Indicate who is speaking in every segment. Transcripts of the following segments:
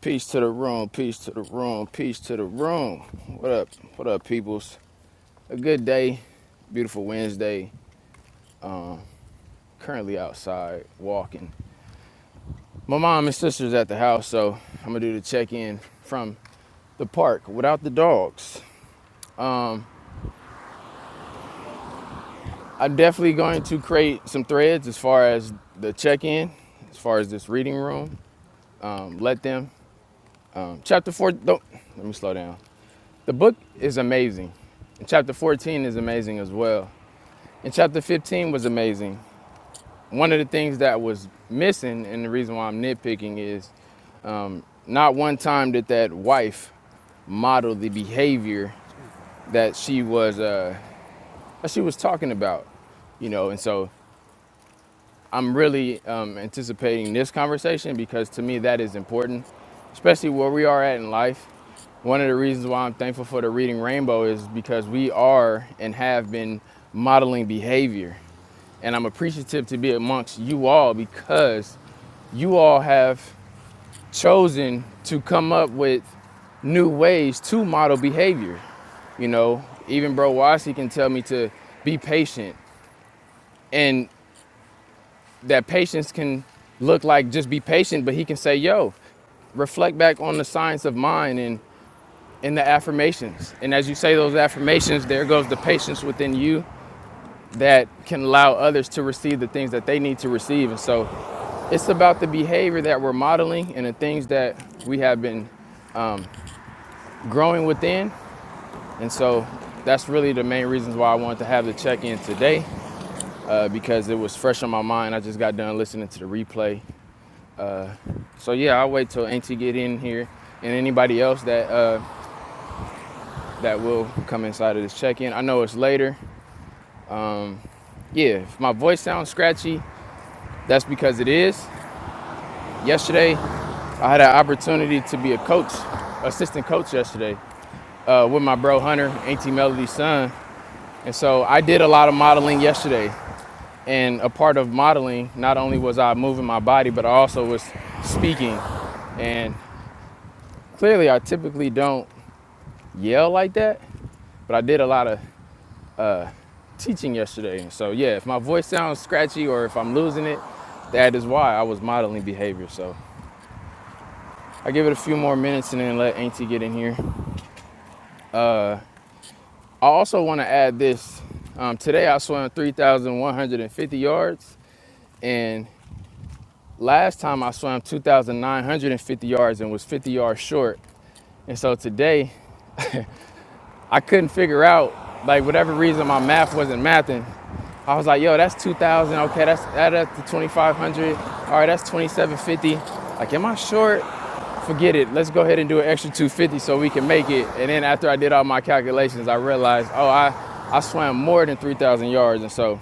Speaker 1: Peace to the room, peace to the room, peace to the room. What up, what up, peoples? A good day, beautiful Wednesday. Currently outside walking. My mom and sister's at the house, so I'm gonna do the check in from the park without the dogs. I'm definitely going to create some threads as far as the check in, as far as this reading room. Um, let them. Um, chapter 4, don't, let me slow down. The book is amazing. And Chapter 14 is amazing as well. And chapter 15 was amazing. One of the things that was missing, and the reason why I'm nitpicking, is not one time did that wife model the behavior that she was uh, that she was talking about, you know. And so I'm really um, anticipating this conversation because to me that is important, especially where we are at in life. One of the reasons why I'm thankful for the Reading Rainbow is because we are and have been modeling behavior And I'm appreciative to be amongst you all because you all have chosen to come up with new ways to model behavior. You know, even Bro Wasi can tell me to be patient. And that patience can look like just be patient, but he can say, yo, reflect back on the science of mind and and the affirmations. And as you say those affirmations, there goes the patience within you that can allow others to receive the things that they need to receive. And so It's about the behavior that we're modeling and the things that we have been um, growing within. And so that's really the main reasons why I wanted to have the check in today uh, because it was fresh on my mind. I just got done listening to the replay. So yeah, I'll wait till Auntie get in here and anybody else that uh, that will come inside of this check in. I know it's later. Yeah, if my voice sounds scratchy, that's because it is. Yesterday, I had an opportunity to be a coach, assistant coach yesterday. uh, with my bro Hunter, Auntie Melody's son. And so I did a lot of modeling yesterday. And a part of modeling, not only was I moving my body, but I also was speaking. And clearly, I typically don't yell like that, but I did a lot of teaching yesterday. And so, yeah, if my voice sounds scratchy or if I'm losing it, that is why I was modeling behavior. So I give it a few more minutes and then let Auntie get in here. I also want to add this. Um, today I swam 3,150 yards, and Last time I swam 2,950 yards and was 50 yards short. And so today, I couldn't figure out, like, whatever reason my math wasn't mathing. I was like, yo, that's 2,000. Okay, that's add up to 2,500. All right, that's 2,750. Like, am I short? Forget it. Let's go ahead and do an extra 250 so we can make it. And then after I did all my calculations, I realized, oh, I, I swam more than 3,000 yards. And so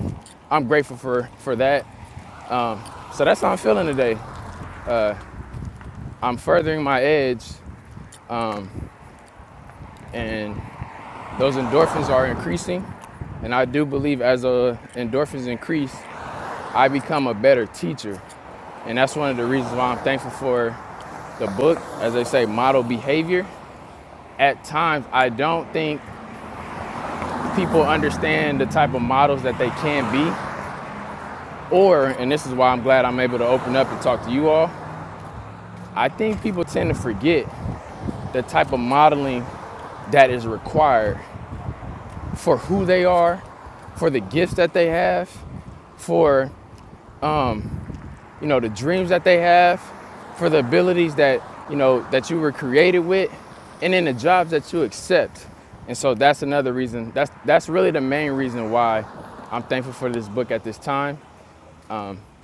Speaker 1: I'm grateful for, for that. So that's how I'm feeling today. I'm furthering my edge. Um, and those endorphins are increasing. And I do believe as uh, endorphins increase, I become a better teacher. And that's one of the reasons why I'm thankful for the book, as they say, model behavior. At times, I don't think people understand the type of models that they can be. Or, and this is why I'm glad I'm able to open up and talk to you all, I think people tend to forget the type of modeling that is required for who they are, for the gifts that they have, for you know, the dreams that they have, for the abilities that, you know, that you were created with, and then the jobs that you accept. And so that's another reason. That's that's really the main reason why I'm thankful for this book at this time.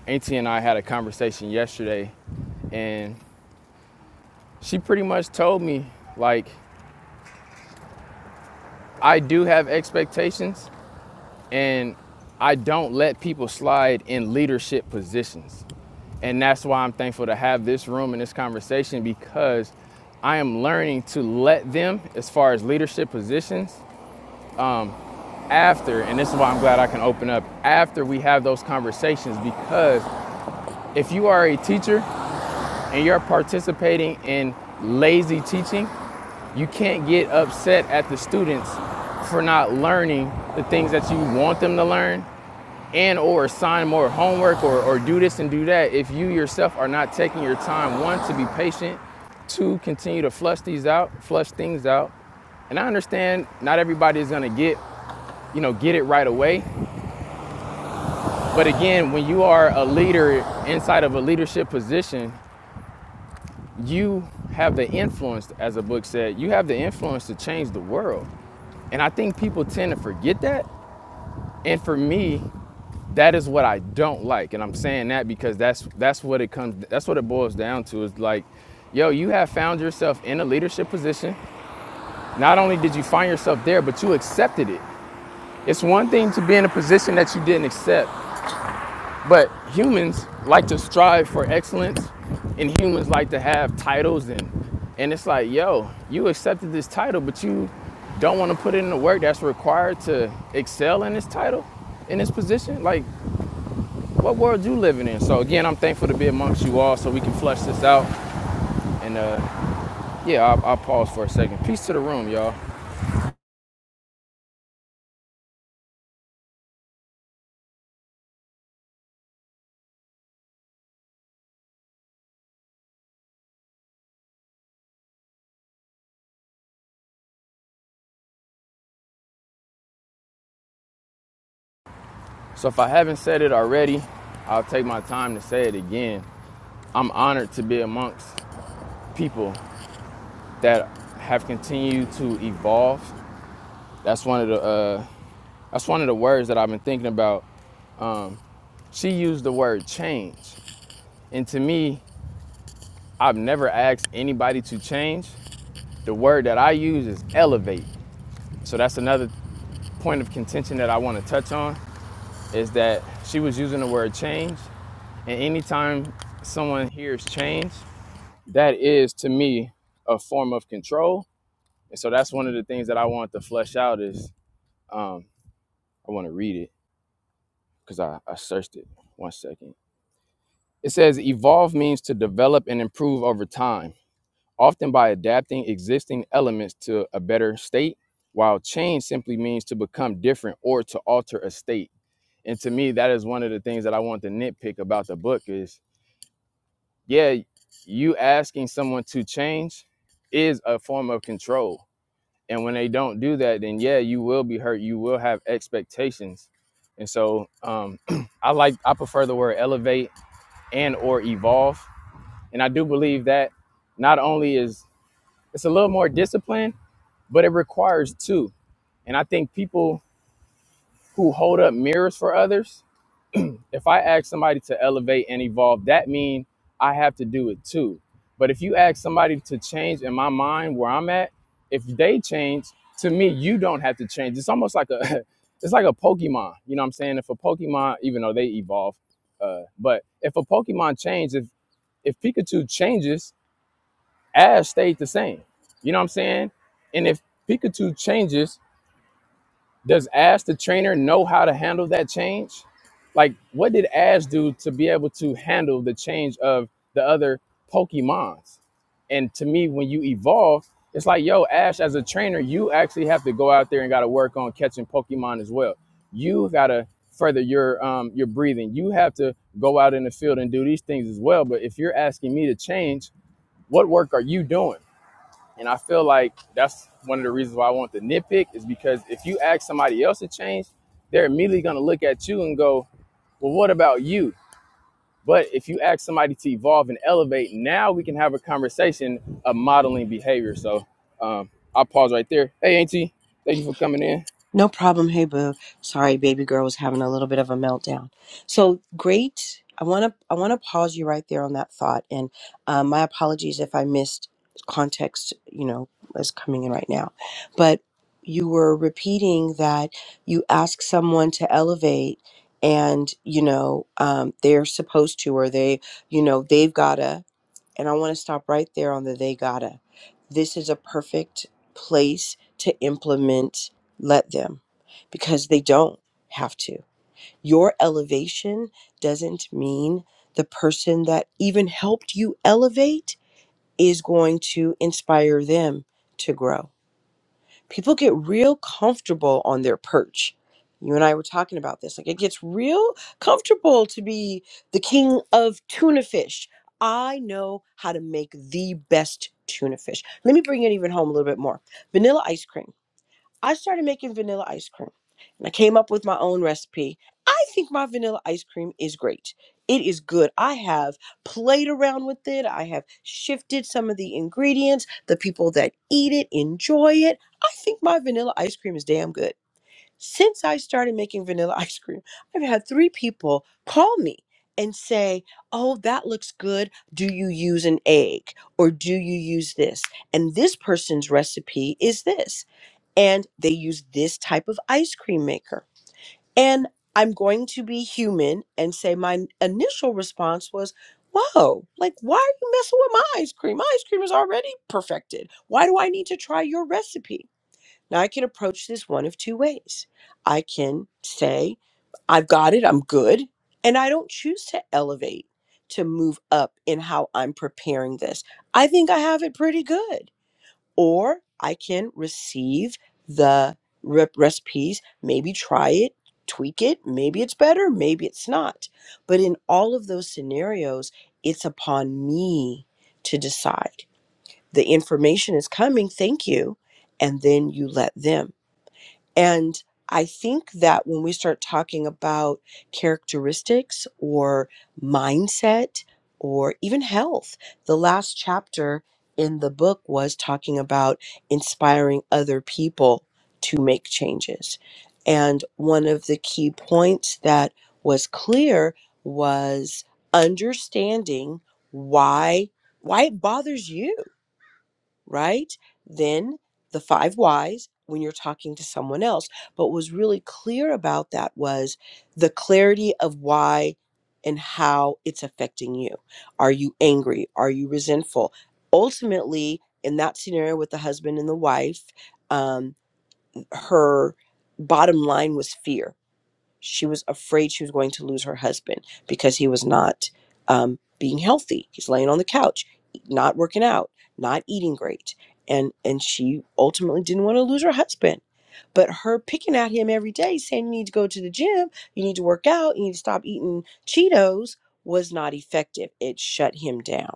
Speaker 1: Auntie and I had a conversation yesterday, and she pretty much told me like I do have expectations, and I don't let people slide in leadership positions. And that's why I'm thankful to have this room and this conversation because I am learning to let them, as far as leadership positions, after, and this is why I'm glad I can open up, after we have those conversations. Because if you are a teacher and you're participating in lazy teaching, you can't get upset at the students for not learning the things that you want them to learn and or assign more homework or, or do this and do that if you yourself are not taking your time one to be patient two continue to flush these out flush things out and i understand not everybody is going to get you know get it right away but again when you are a leader inside of a leadership position you have the influence as the book said you have the influence to change the world and i think people tend to forget that and for me that is what I don't like, and I'm saying that because that's that's what it comes that's what it boils down to is like, yo, you have found yourself in a leadership position. Not only did you find yourself there, but you accepted it. It's one thing to be in a position that you didn't accept, but humans like to strive for excellence, and humans like to have titles and and it's like, yo, you accepted this title, but you don't want to put in the work that's required to excel in this title, in this position. Like what world you living in. So again, I'm thankful to be amongst you all so we can flesh this out. And uh, yeah, I'll, I'll pause for a second. Peace to the room, y'all. So if I haven't said it already, I'll take my time to say it again. I'm honored to be amongst people that have continued to evolve. That's one of the uh, that's one of the words that I've been thinking about. Um, she used the word change, and to me, I've never asked anybody to change. The word that I use is elevate. So that's another point of contention that I want to touch on is that she was using the word change. And anytime someone hears change, that is to me a form of control. And so that's one of the things that I want to flesh out is um, I want to read it because I, I searched it. One second. It says evolve means to develop and improve over time. often by adapting existing elements to a better state, while change simply means to become different or to alter a state. And to me, that is one of the things that I want to nitpick about the book is, yeah, you asking someone to change is a form of control. And when they don't do that, then yeah, you will be hurt. You will have expectations. And so um, I like I prefer the word elevate and or evolve. And I do believe that not only is it's a little more discipline, but it requires two. And I think people who hold up mirrors for others, if I ask somebody to elevate and evolve, that means I have to do it too. But if you ask somebody to change in my mind where I'm at, if they change, to me, you don't have to change. It's almost like a it's like a Pokemon. You know what I'm saying? If a Pokemon, even though they evolve, uh, but if a Pokemon changes, if if Pikachu changes, Ash stayed the same. You know what I'm saying? And if Pikachu changes, Does Ash the trainer know how to handle that change? Like, what did Ash do to be able to handle the change of the other Pokemons? And to me, when you evolve, it's like, yo, Ash, as a trainer, you actually have to go out there and got to work on catching Pokemon as well. You got to further your um, your breathing. You have to go out in the field and do these things as well. But if you're asking me to change, what work are you doing? And I feel like that's one of the reasons why I want the nitpick is because if you ask somebody else to change, they're immediately going to look at you and go, well, what about you? But if you ask somebody to evolve and elevate, now we can have a conversation of modeling behavior. So um, I'll pause right there. Hey, Auntie, thank you for coming in.
Speaker 2: No problem. Hey, boo. Sorry, baby girl was having a little bit of a meltdown. So great. I want to I want to pause you right there on that thought, and um, my apologies if I missed context. You know, is coming in right now, but you were repeating that you ask someone to elevate, and you know um, they're supposed to, or they, you know, they've gotta, and I want to stop right there on the they gotta. This is a perfect place to implement let them because they don't have to. Your elevation doesn't mean the person that even helped you elevate is going to inspire them to grow people get real comfortable on their perch. You and I were talking about this. Like it gets real comfortable to be the king of tuna fish. I know how to make the best tuna fish. Let me bring it even home a little bit more. Vanilla ice cream I started making vanilla ice cream and I came up with my own recipe. I think my vanilla ice cream is great. It is good. I have played around with it. I have shifted some of the ingredients. The people that eat it enjoy it. I think my vanilla ice cream is damn good. Since I started making vanilla ice cream, I've had three people call me and say, Oh, that looks good. Do you use an egg or do you use this? And this person's recipe is this and they use this type of ice cream maker. And I'm going to be human and say my initial response was, Whoa, like, why are you messing with my ice cream? My ice cream is already perfected. Why do I need to try your recipe? Now, I can approach this one of two ways. I can say, I've got it, I'm good. And I don't choose to elevate, to move up in how I'm preparing this. I think I have it pretty good or I can receive the re- recipes, maybe try it, tweak it, maybe it's better, maybe it's not. But in all of those scenarios, it's upon me to decide. The information is coming, thank you, and then you let them. And I think that when we start talking about characteristics or mindset or even health, the last chapter in the book was talking about inspiring other people to make changes. And one of the key points that was clear was understanding why why it bothers you right? Then the five whys when you're talking to someone else. But what was really clear about that was the clarity of why and how it's affecting you. Are you angry? Are you resentful? Ultimately, in that scenario with the husband and the wife, um, her bottom line was fear she was afraid she was going to lose her husband because he was not um, being healthy. He's laying on the couch, not working out, not eating great, and and she ultimately didn't want to lose her husband. But her picking at him every day, saying you need to go to the gym, you need to work out, you need to stop eating Cheetos, was not effective. It shut him down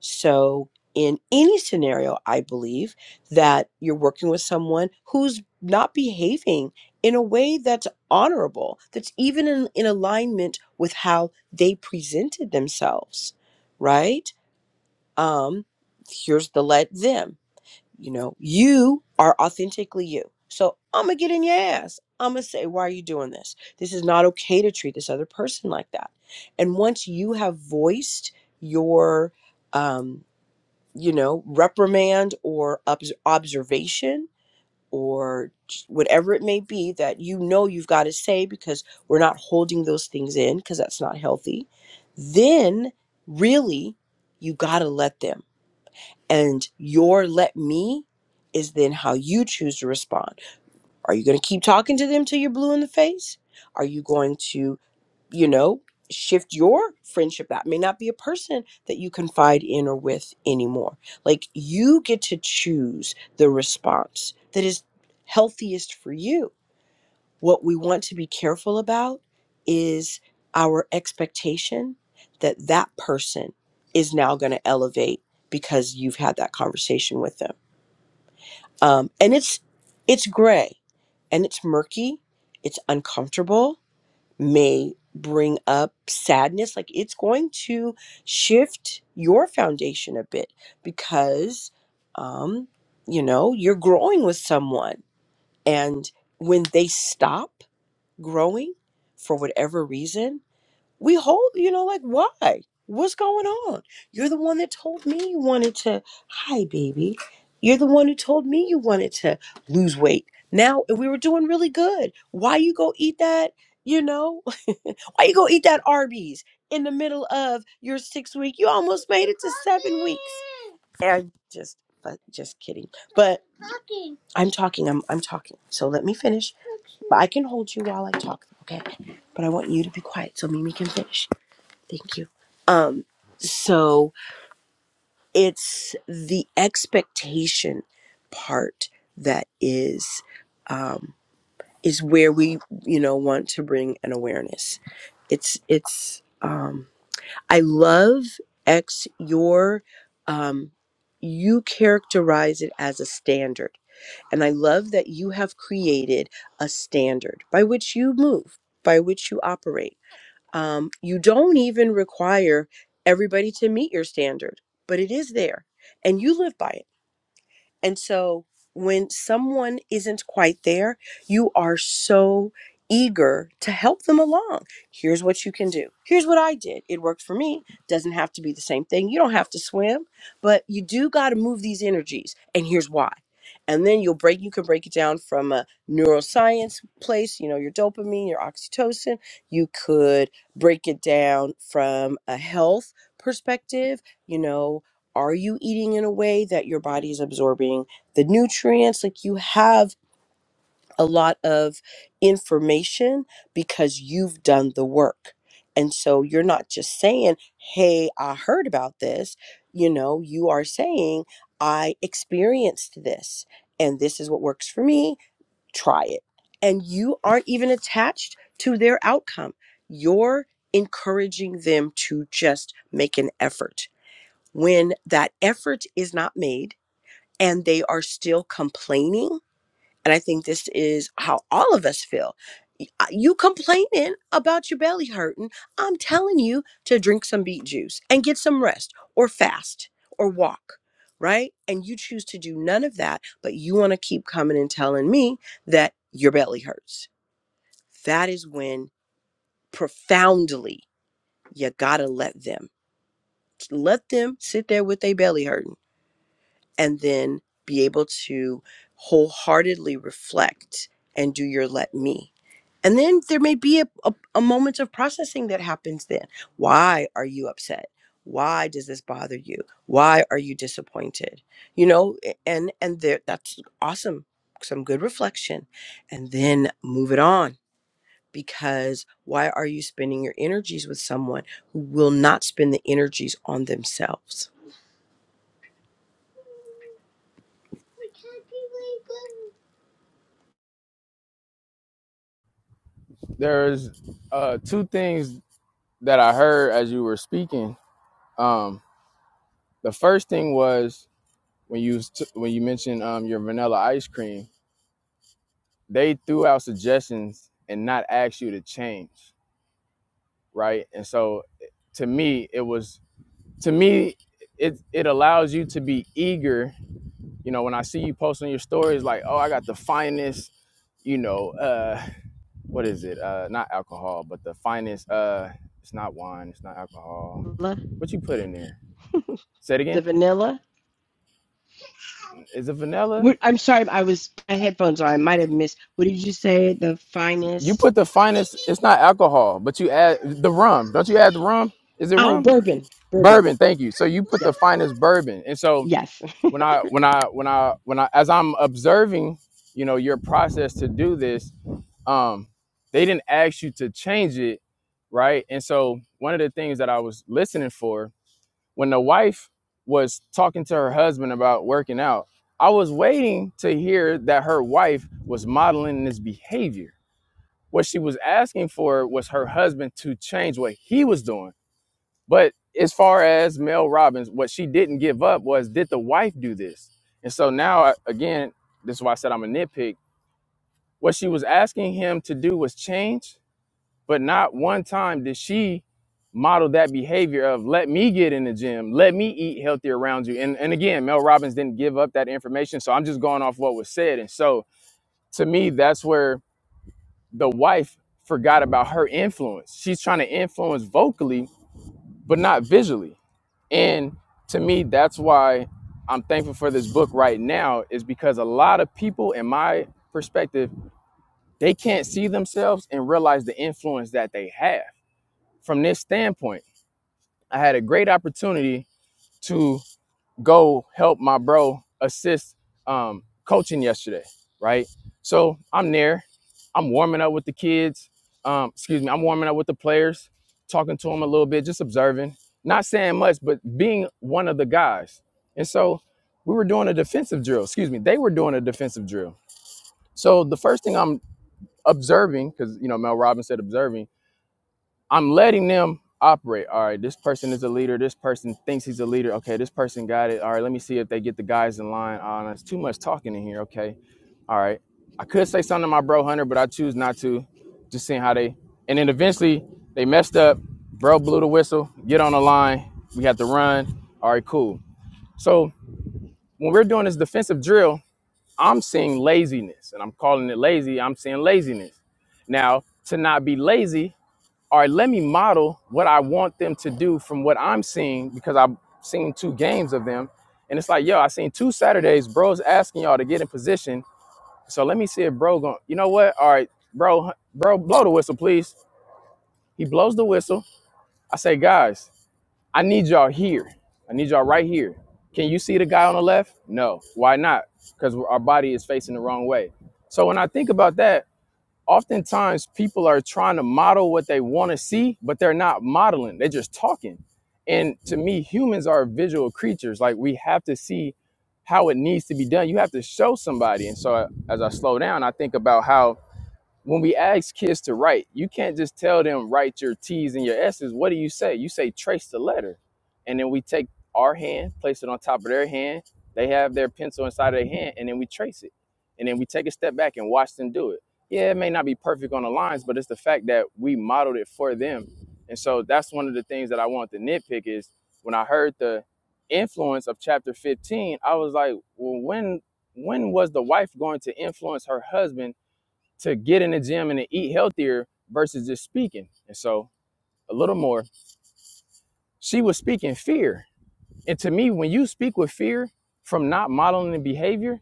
Speaker 2: so, in any scenario, I believe that you're working with someone who's not behaving in a way that's honorable, that's even in, in alignment with how they presented themselves, right? Um, here's the let them. You know, you are authentically you. So I'm gonna get in your ass. I'm gonna say, why are you doing this? This is not okay to treat this other person like that. And once you have voiced your um, you know, reprimand or obs- observation or whatever it may be that you know you've got to say because we're not holding those things in because that's not healthy, then really you got to let them. And your let me is then how you choose to respond. Are you going to keep talking to them till you're blue in the face? Are you going to you know, shift your friendship. That may not be a person that you confide in or with anymore. Like you get to choose the response that is healthiest for you. What we want to be careful about is our expectation that that person is now going to elevate because you've had that conversation with them. Um, and it's it's gray and it's murky, it's uncomfortable, may bring up sadness like it's going to shift your foundation a bit because um you know you're growing with someone and when they stop growing for whatever reason we hold you know like why what's going on you're the one that told me you wanted to hi baby you're the one who told me you wanted to lose weight now and we were doing really good why you go eat that you know why you gonna eat that Arby's in the middle of your six week? You almost made it to seven weeks. And just, but just kidding. But I'm talking. I'm I'm talking. So let me finish. But I can hold you while I talk. Okay. But I want you to be quiet so Mimi can finish. Thank you. Um. So it's the expectation part that is um is where we you know want to bring an awareness it's it's um I love X your um you characterize it as a standard. And I love that you have created a standard by which you move, by which you operate. Um, you don't even require everybody to meet your standard, but it is there and you live by it and so when someone isn't quite there, you are so eager to help them along. Here's what you can do. Here's what I did. It worked for me. Doesn't have to be the same thing. You don't have to swim, but you do got to move these energies. And here's why. And then you'll break you can break it down from a neuroscience place, you know, your dopamine, your oxytocin. You could break it down from a health perspective, you know, are you eating in a way that your body is absorbing the nutrients? Like you have a lot of information because you've done the work. And so you're not just saying, hey, I heard about this. You know, you are saying, I experienced this and this is what works for me. Try it. And you aren't even attached to their outcome. You're encouraging them to just make an effort when that effort is not made and they are still complaining. And I think this is how all of us feel. Y- uh, You complaining about your belly hurting. I'm telling you to drink some beet juice and get some rest or fast or walk, right? And you choose to do none of that, but you want to keep coming and telling me that your belly hurts. That is when profoundly you got to let them let them sit there with their belly hurting and then be able to wholeheartedly reflect and do your let me. And then there may be a, a, a moment of processing that happens then. Why are you upset? Why does this bother you? Why are you disappointed? You know, a- and and there that's awesome. Some good reflection. And then move it on because why are you spending your energies with someone who will not spend the energies on themselves?
Speaker 1: There's uh, two things that I heard as you were speaking. Um, the first thing was when you t- when you mentioned um, your vanilla ice cream they threw out suggestions and not asked you to change, right? And so to me, it was to me it it allows you to be eager. You know, when I see you posting your stories like, "Oh, I got the finest," you know, uh what is it? Uh not alcohol, but the finest uh it's not wine, it's not alcohol. What you put in there? Say it
Speaker 2: the
Speaker 1: again.
Speaker 2: vanilla.
Speaker 1: Is it vanilla?
Speaker 2: What, I'm sorry, I was I had headphones on. I might have missed. What did you say? The
Speaker 1: You
Speaker 2: finest?
Speaker 1: put the finest, it's not alcohol, but you add the rum. Don't you add the rum? Is it
Speaker 2: Oh,
Speaker 1: rum?
Speaker 2: bourbon, bourbon.
Speaker 1: bourbon thank you so you put the
Speaker 2: Yes,
Speaker 1: finest bourbon and so
Speaker 2: yes.
Speaker 1: when i when i when i when i as i'm observing you know your process to do this um they didn't ask you to change it right and so one of the things that i was listening for when the wife was talking to her husband about working out i was waiting to hear that her wife was modeling this behavior what she was asking for was her husband to change what he was doing but as far as Mel Robbins, what she didn't give up was did the wife do this? And so now, uh, again, this is why I said I'm a nitpick. What she was asking him to do was change, but not one time did she model that behavior of let me get in the gym, let me eat healthy around you. And, and again, Mel Robbins didn't give up that information. So I'm just going off what was said. And so to me, that's where the wife forgot about her influence. She's trying to influence vocally, but not visually. And to me, that's why I'm thankful for this book right now, is because a lot of people, in my perspective, they can't see themselves and realize the influence that they have. From this standpoint, I had a great opportunity to go help my bro assist um, coaching yesterday, right? So I'm there. I'm warming up with the kids. Um, excuse me, I'm warming up with the players, talking to them a little bit, just observing, not saying much, but being one of the guys. And so we were doing a defensive drill. Excuse me, they were doing a defensive drill. So the first thing I'm observing, because you know Mel Robbins said observing I'm letting them operate. All right, this person is a leader. This person thinks he's a leader. Okay, this person got it. All right, let me see if they get the guys in line. Oh, no, it's too much talking in here. Okay, all right. I could say something to my bro Hunter, but I choose not to. Just seeing how they. And then eventually they messed up. Bro blew the whistle. Get on the line. We have to run. All right, cool. So when we're doing this defensive drill, I'm seeing laziness, and I'm calling it lazy. I'm seeing laziness. Now to not be lazy all right, let me model what I want them to do from what I'm seeing because I've seen two games of them. And it's like, yo, I seen two Saturdays, bro's asking y'all to get in position. So let me see if bro going, you know what? All right, bro, bro, blow the whistle, please. He blows the whistle. I say, guys, I need y'all here. I need y'all right here. Can you see the guy on the left? No. Why not? Because our body is facing the wrong way. So when I think about that, oftentimes people are trying to model what they want to see, but they're not modeling. They're just talking. And to me, humans are visual creatures. Like we have to see how it needs to be done. You have to show somebody. And so uh, as I slow down, I think about how when we ask kids to write, you can't just tell them write your T's and your S's. What do you say? You say trace the letter. And then we take our hand, place it on top of their hand. They have their pencil inside of their hand, and then we trace it. And then we take a step back and watch them do it. Yeah, it may not be perfect on the lines, but it's the fact that we modeled it for them. And so that's one of the things that I want to nitpick is when I heard the influence of chapter 15, I was like, well, when when was the wife going to influence her husband to get in the gym and to eat healthier versus just speaking. And so a little more, she was speaking fear. And to me, when you speak with fear from not modeling the behavior,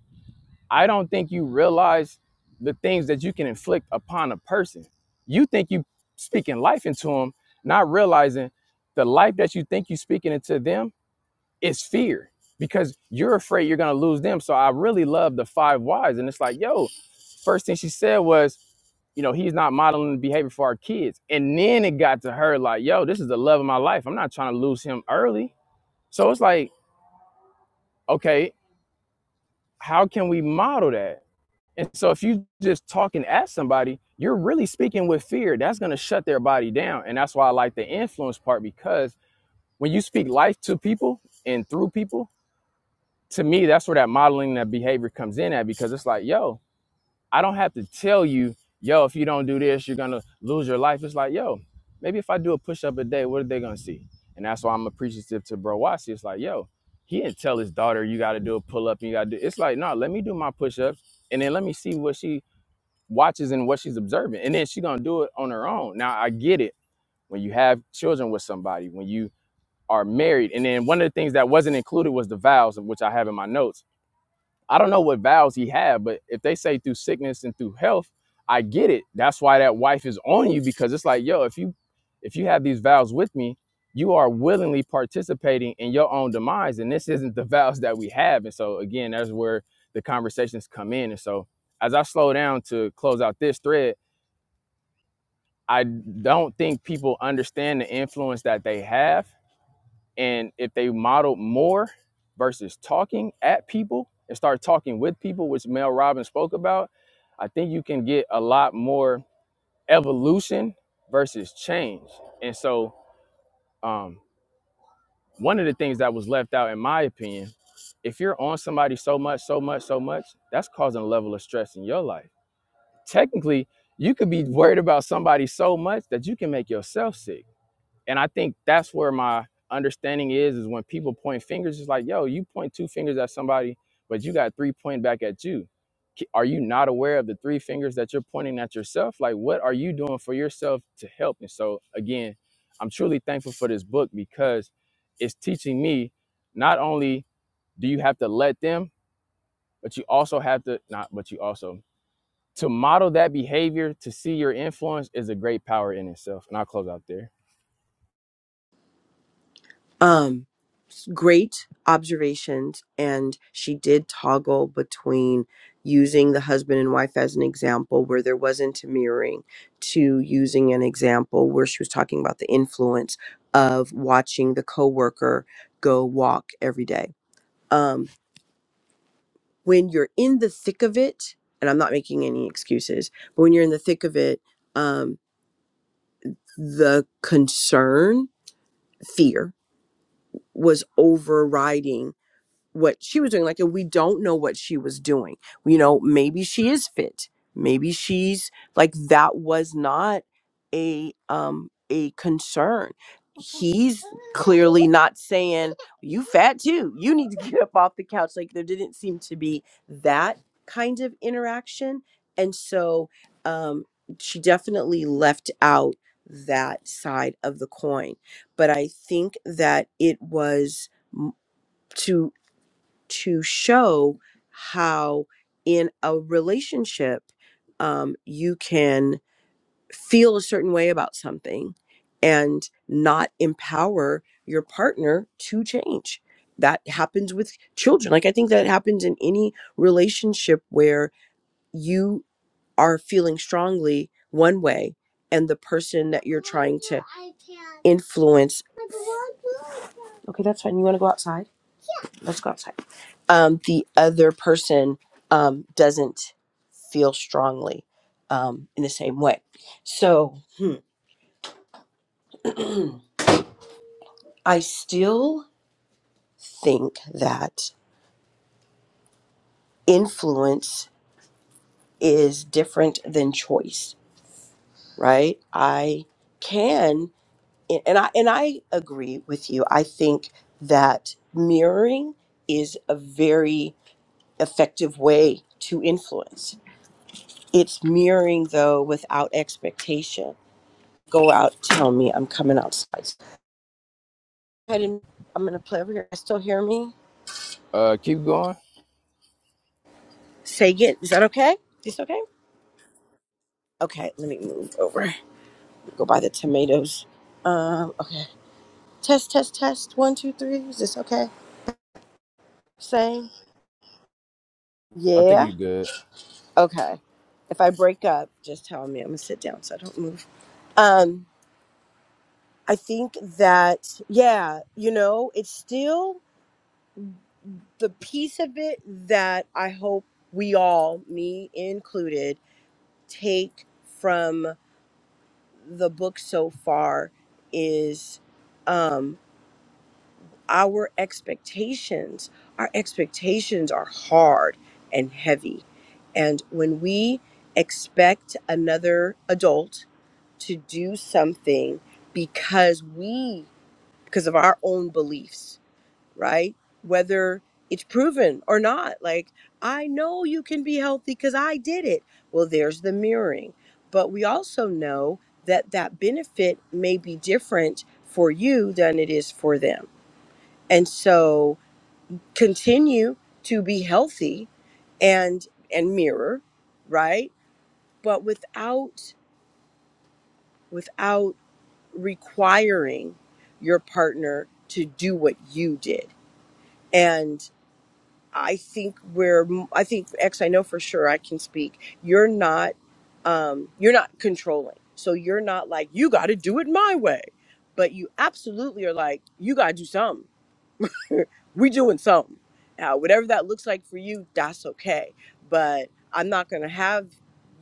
Speaker 1: I don't think you realize the things that you can inflict upon a person. You think you speaking life into them, not realizing the life that you think you speaking into them is fear because you're afraid you're gonna lose them. So I really love the five whys. And it's like, yo, first thing she said was you know, he's not modeling the behavior for our kids. And then it got to her like, yo, this is the love of my life. I'm not trying to lose him early. So it's like, okay, how can we model that? And so if you just talking at somebody, you're really speaking with fear. That's gonna shut their body down. And that's why I like the influence part because when you speak life to people and through people, to me, that's where that modeling that behavior comes in at because it's like, yo, I don't have to tell you, yo, if you don't do this, you're gonna lose your life. It's like, yo, maybe if I do a push up a day, what are they gonna see? And that's why I'm appreciative to Bro Watsi. It's like, yo, he didn't tell his daughter you gotta do a pull up and you gotta do. It's like, no, let me do my push ups and then let me see what she watches and what she's observing, and then she gonna do it on her own. Now I get it when you have children with somebody, when you are married, and then one of the things that wasn't included was the vows, which I have in my notes I don't know what vows he had, but if they say through sickness and through health, I get it. That's why that wife is on you because it's like, yo, if you if you have these vows with me, you are willingly participating in your own demise, and this isn't the vows that we have. And so again, that's where the conversations come in. And so as I slow down to close out this thread, I don't think people understand the influence that they have and if they modeled more versus talking at people and start talking with people, which Mel Robbins spoke about, I think you can get a lot more evolution versus change. And so, um, one of the things that was left out, in my opinion, if you're on somebody so much, so much, so much, that's causing a level of stress in your life. Technically, you could be worried about somebody so much that you can make yourself sick and I think that's where my understanding is is when people point fingers, it's like, yo, you point two fingers at somebody, but you got three pointing back at you. K- Are you not aware of the three fingers that you're pointing at yourself? Like, what are you doing for yourself to help? And so, again, I'm truly thankful for this book because it's teaching me not only do you have to let them, but you also have to not, but you also to model that behavior to see your influence is a great power in itself and i'll close out there
Speaker 2: Um, great observations. And she did toggle between using the husband and wife as an example where there wasn't a mirroring to using an example where she was talking about the influence of watching the coworker go walk every day. Um. when you're in the thick of it, and I'm not making any excuses, but when you're in the thick of it, um, the concern, fear was overriding what she was doing like and we don't know what she was doing you know maybe she is fit maybe she's like that was not a um a concern he's clearly not saying you fat too you need to get up off the couch like there didn't seem to be that kind of interaction and so um she definitely left out that side of the coin but i think that it was m- to to show how in a relationship um, you can feel a certain way about something and not empower your partner to change that happens with children like i think that happens in any relationship where you are feeling strongly one way and the person that you're trying to influence okay that's fine you want to go outside let's go outside. Um, the other person um, doesn't feel strongly um, in the same way. So hmm, I still think that influence is different than choice, right? I can, and I and I agree with you. I think that mirroring is a very effective way to influence. It's mirroring though without expectation go out, tell me I'm coming outside. I didn't, I'm gonna play over here. I still hear me?
Speaker 1: uh keep going
Speaker 2: Say it. Is that okay? Is this okay? Okay, let me move over. Go buy the tomatoes. Um, okay. Test, test, test. One, two, three. Is this okay? Say
Speaker 1: i think
Speaker 2: yeah.
Speaker 1: you're good
Speaker 2: Okay. If I break up, just tell me. I'm gonna sit down so I don't move. Um, I think that yeah, you know, it's still the piece of it that I hope we all, me included take from the book so far is um, our expectations. Our expectations are hard and heavy. And when we expect another adult to do something because we, because of our own beliefs, right? Whether it's proven or not. Like, I know you can be healthy because I did it. Well, there's the mirroring. But we also know that that benefit may be different for you than it is for them. And so continue to be healthy and and mirror, right? But without without requiring your partner to do what you did. and. I think we're I think X I know for sure I can speak. You're not um you're not controlling. So you're not like you got to do it my way. But you absolutely are like you got to do something. We doing something. Now whatever that looks like for you, that's okay. But I'm not going to have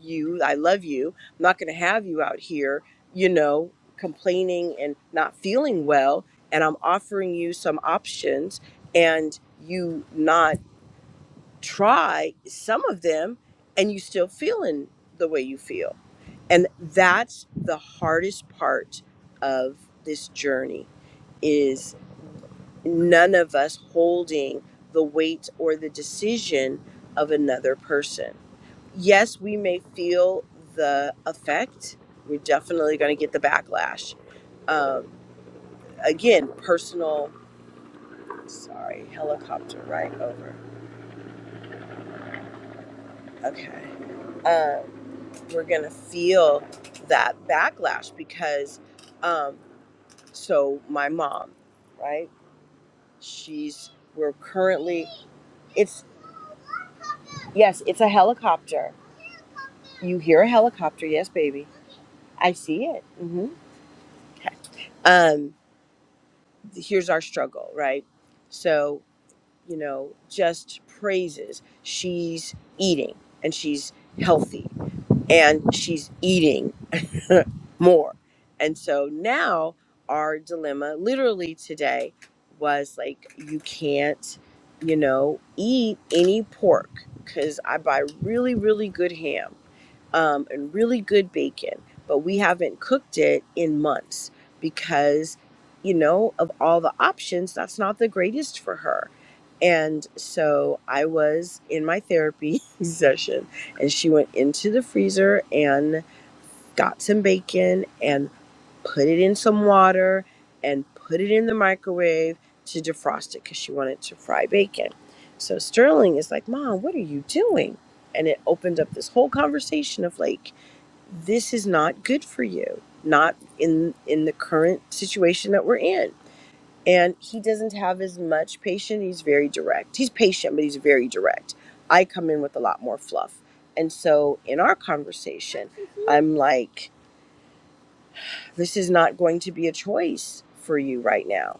Speaker 2: you. I love you. I'm not going to have you out here, you know, complaining and not feeling well and I'm offering you some options and you not try some of them and you still feeling the way you feel and that's the hardest part of this journey is none of us holding the weight or the decision of another person yes we may feel the effect we're definitely going to get the backlash um, again personal sorry helicopter right over okay Um, we're gonna feel that backlash because um so my mom right she's we're currently it's yes it's a helicopter you hear a helicopter yes baby i see it hmm um here's our struggle right so you know just praises she's eating and she's healthy and she's eating more. And so now our dilemma, literally today, was like, you can't, you know, eat any pork because I buy really, really good ham um, and really good bacon, but we haven't cooked it in months because, you know, of all the options, that's not the greatest for her. And so I was in my therapy session, and she went into the freezer and got some bacon and put it in some water and put it in the microwave to defrost it because she wanted to fry bacon. So Sterling is like, Mom, what are you doing? And it opened up this whole conversation of like, this is not good for you, not in in the current situation that we're in. And he doesn't have as much patience. He's very direct. He's patient, but he's very direct. I come in with a lot more fluff. And so in our conversation, I'm like, this is not going to be a choice for you right now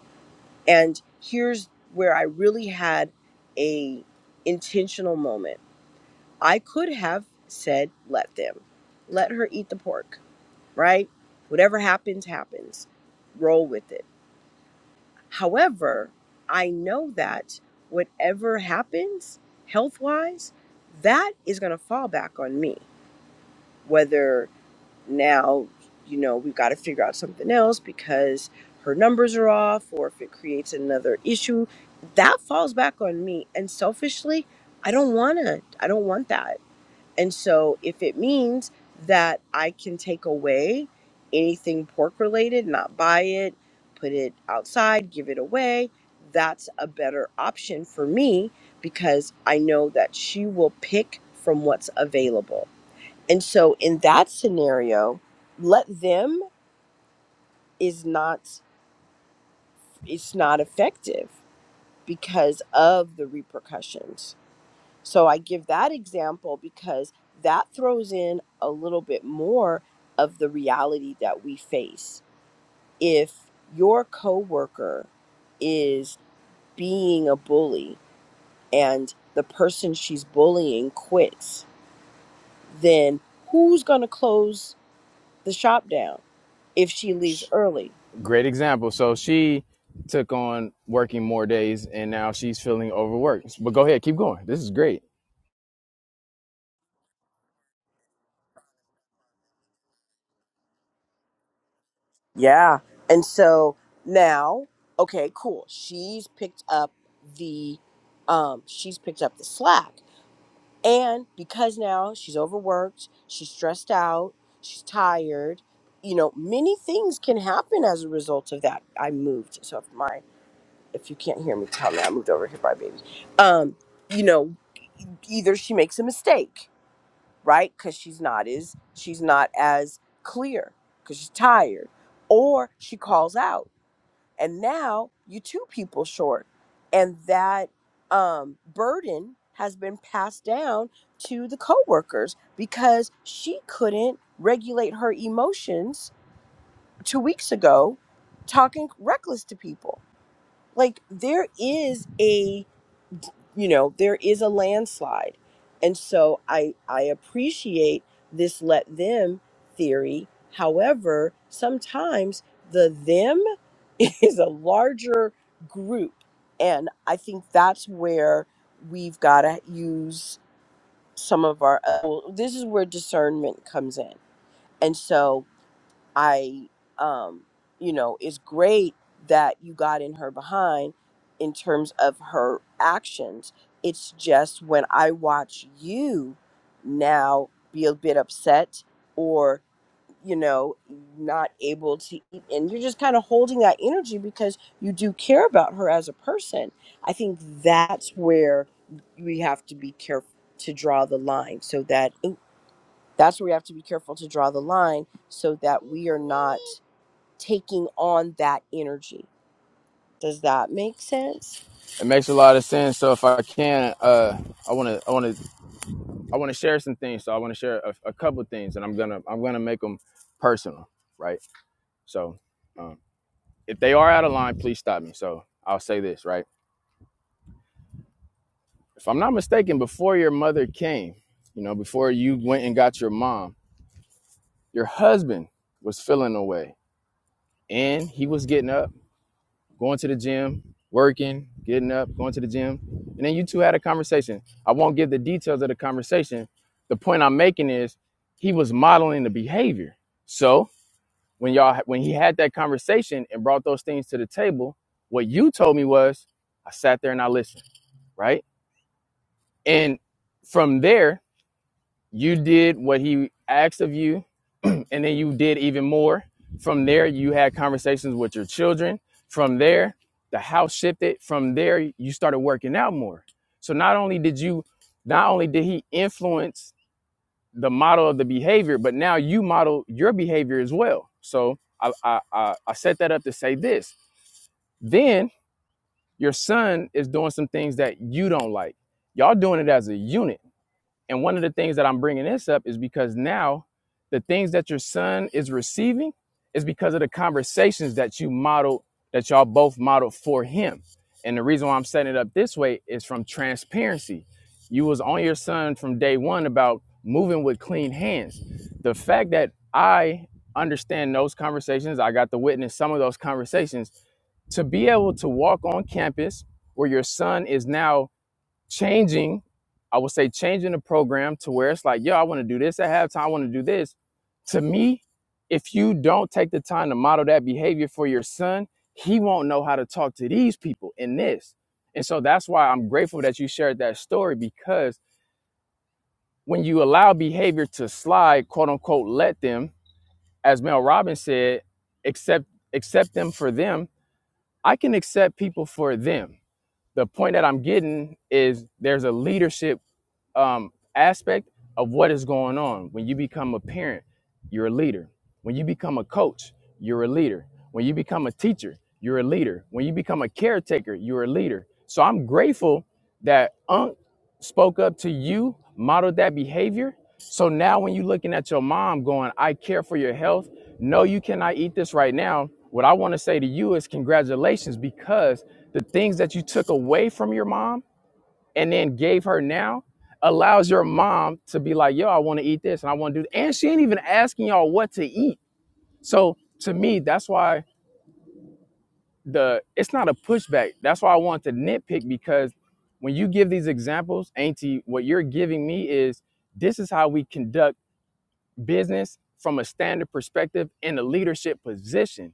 Speaker 2: and here's where i really had a intentional moment i could have said let them let her eat the pork right whatever happens happens roll with it however i know that whatever happens health wise that is going to fall back on me whether now you know we've got to figure out something else because her numbers are off or if it creates another issue that falls back on me and selfishly i don't want to i don't want that and so if it means that i can take away anything pork related not buy it put it outside give it away that's a better option for me because i know that she will pick from what's available and so in that scenario, let them is not it's not effective because of the repercussions. So I give that example because that throws in a little bit more of the reality that we face. If your coworker is being a bully and the person she's bullying quits, then who's going to close the shop down if she leaves
Speaker 1: Sh-
Speaker 2: early?
Speaker 1: great example so she took on working more days and now she's feeling overworked but go ahead keep going this is great
Speaker 2: Yeah. And so now, okay, cool. She's picked up the um she's picked up the slack. And because now she's overworked, she's stressed out, she's tired, you know, many things can happen as a result of that. I moved. So if my if you can't hear me, tell me I moved over here by baby. Um, you know, either she makes a mistake, right? Cuz she's not is she's not as clear cuz she's tired or she calls out and now you two people short and that um, burden has been passed down to the coworkers because she couldn't regulate her emotions two weeks ago talking reckless to people like there is a you know there is a landslide and so i i appreciate this let them theory however sometimes the them is a larger group and i think that's where we've got to use some of our uh, well, this is where discernment comes in and so I, um, you know, it's great that you got in her behind in terms of her actions. It's just when I watch you now be a bit upset or, you know, not able to eat, and you're just kind of holding that energy because you do care about her as a person. I think that's where we have to be careful to draw the line so that ooh, that's where we have to be careful to draw the line so that we are not taking on that energy. Does that make sense?
Speaker 1: it makes a lot of sense. So if I can, uh, I want to, I want to, I want to share some things. So I want to share a, a couple things, and I'm gonna, I'm gonna make them personal, right? So um, if they are out of line, please stop me. So I'll say this, right? If I'm not mistaken, before your mother came, you know, before you went and got your mom, your husband was feeling away, and he was getting up. going to the gym, working, getting up, going to the gym. And then you two had a conversation. I won't give the details of the conversation. The point I'm making is he was modeling the behavior. So when y'all when he had that conversation and brought those things to the table, what you told me was I sat there and I listened, right? And from there, you did what he asked of you and then you did even more from there you had conversations with your children from there the house shifted from there you started working out more so not only did you not only did he influence the model of the behavior but now you model your behavior as well so i i i, I set that up to say this then your son is doing some things that you don't like y'all doing it as a unit and one of the things that I'm bringing this up is because now the things that your son is receiving is because of the conversations that you modeled, that y'all both modeled for him. And the reason why I'm setting it up this way is from transparency. You was on your son from day one about moving with clean hands. The fact that I understand those conversations, I got to witness some of those conversations to be able to walk on campus where your son is now changing, I would say changing the program to where it's like, yo, I want to do this at halftime, I want to do this. To me, if you don't take the time to model that behavior for your son, he won't know how to talk to these people in this. And so that's why I'm grateful that you shared that story because when you allow behavior to slide, quote unquote, let them, as Mel Robbins said, accept accept them for them. I can accept people for them. The point that I'm getting is there's a leadership um, aspect of what is going on. When you become a parent, you're a leader. When you become a coach, you're a leader. When you become a teacher, you're a leader. When you become a caretaker, you're a leader. So I'm grateful that Unc spoke up to you, modeled that behavior. So now when you're looking at your mom going, I care for your health, no, you cannot eat this right now. What I want to say to you is congratulations because the things that you took away from your mom and then gave her now allows your mom to be like, yo, I want to eat this and I want to do that. And she ain't even asking y'all what to eat. So to me, that's why the it's not a pushback. That's why I want to nitpick because when you give these examples, Auntie, what you're giving me is this is how we conduct business from a standard perspective in a leadership position.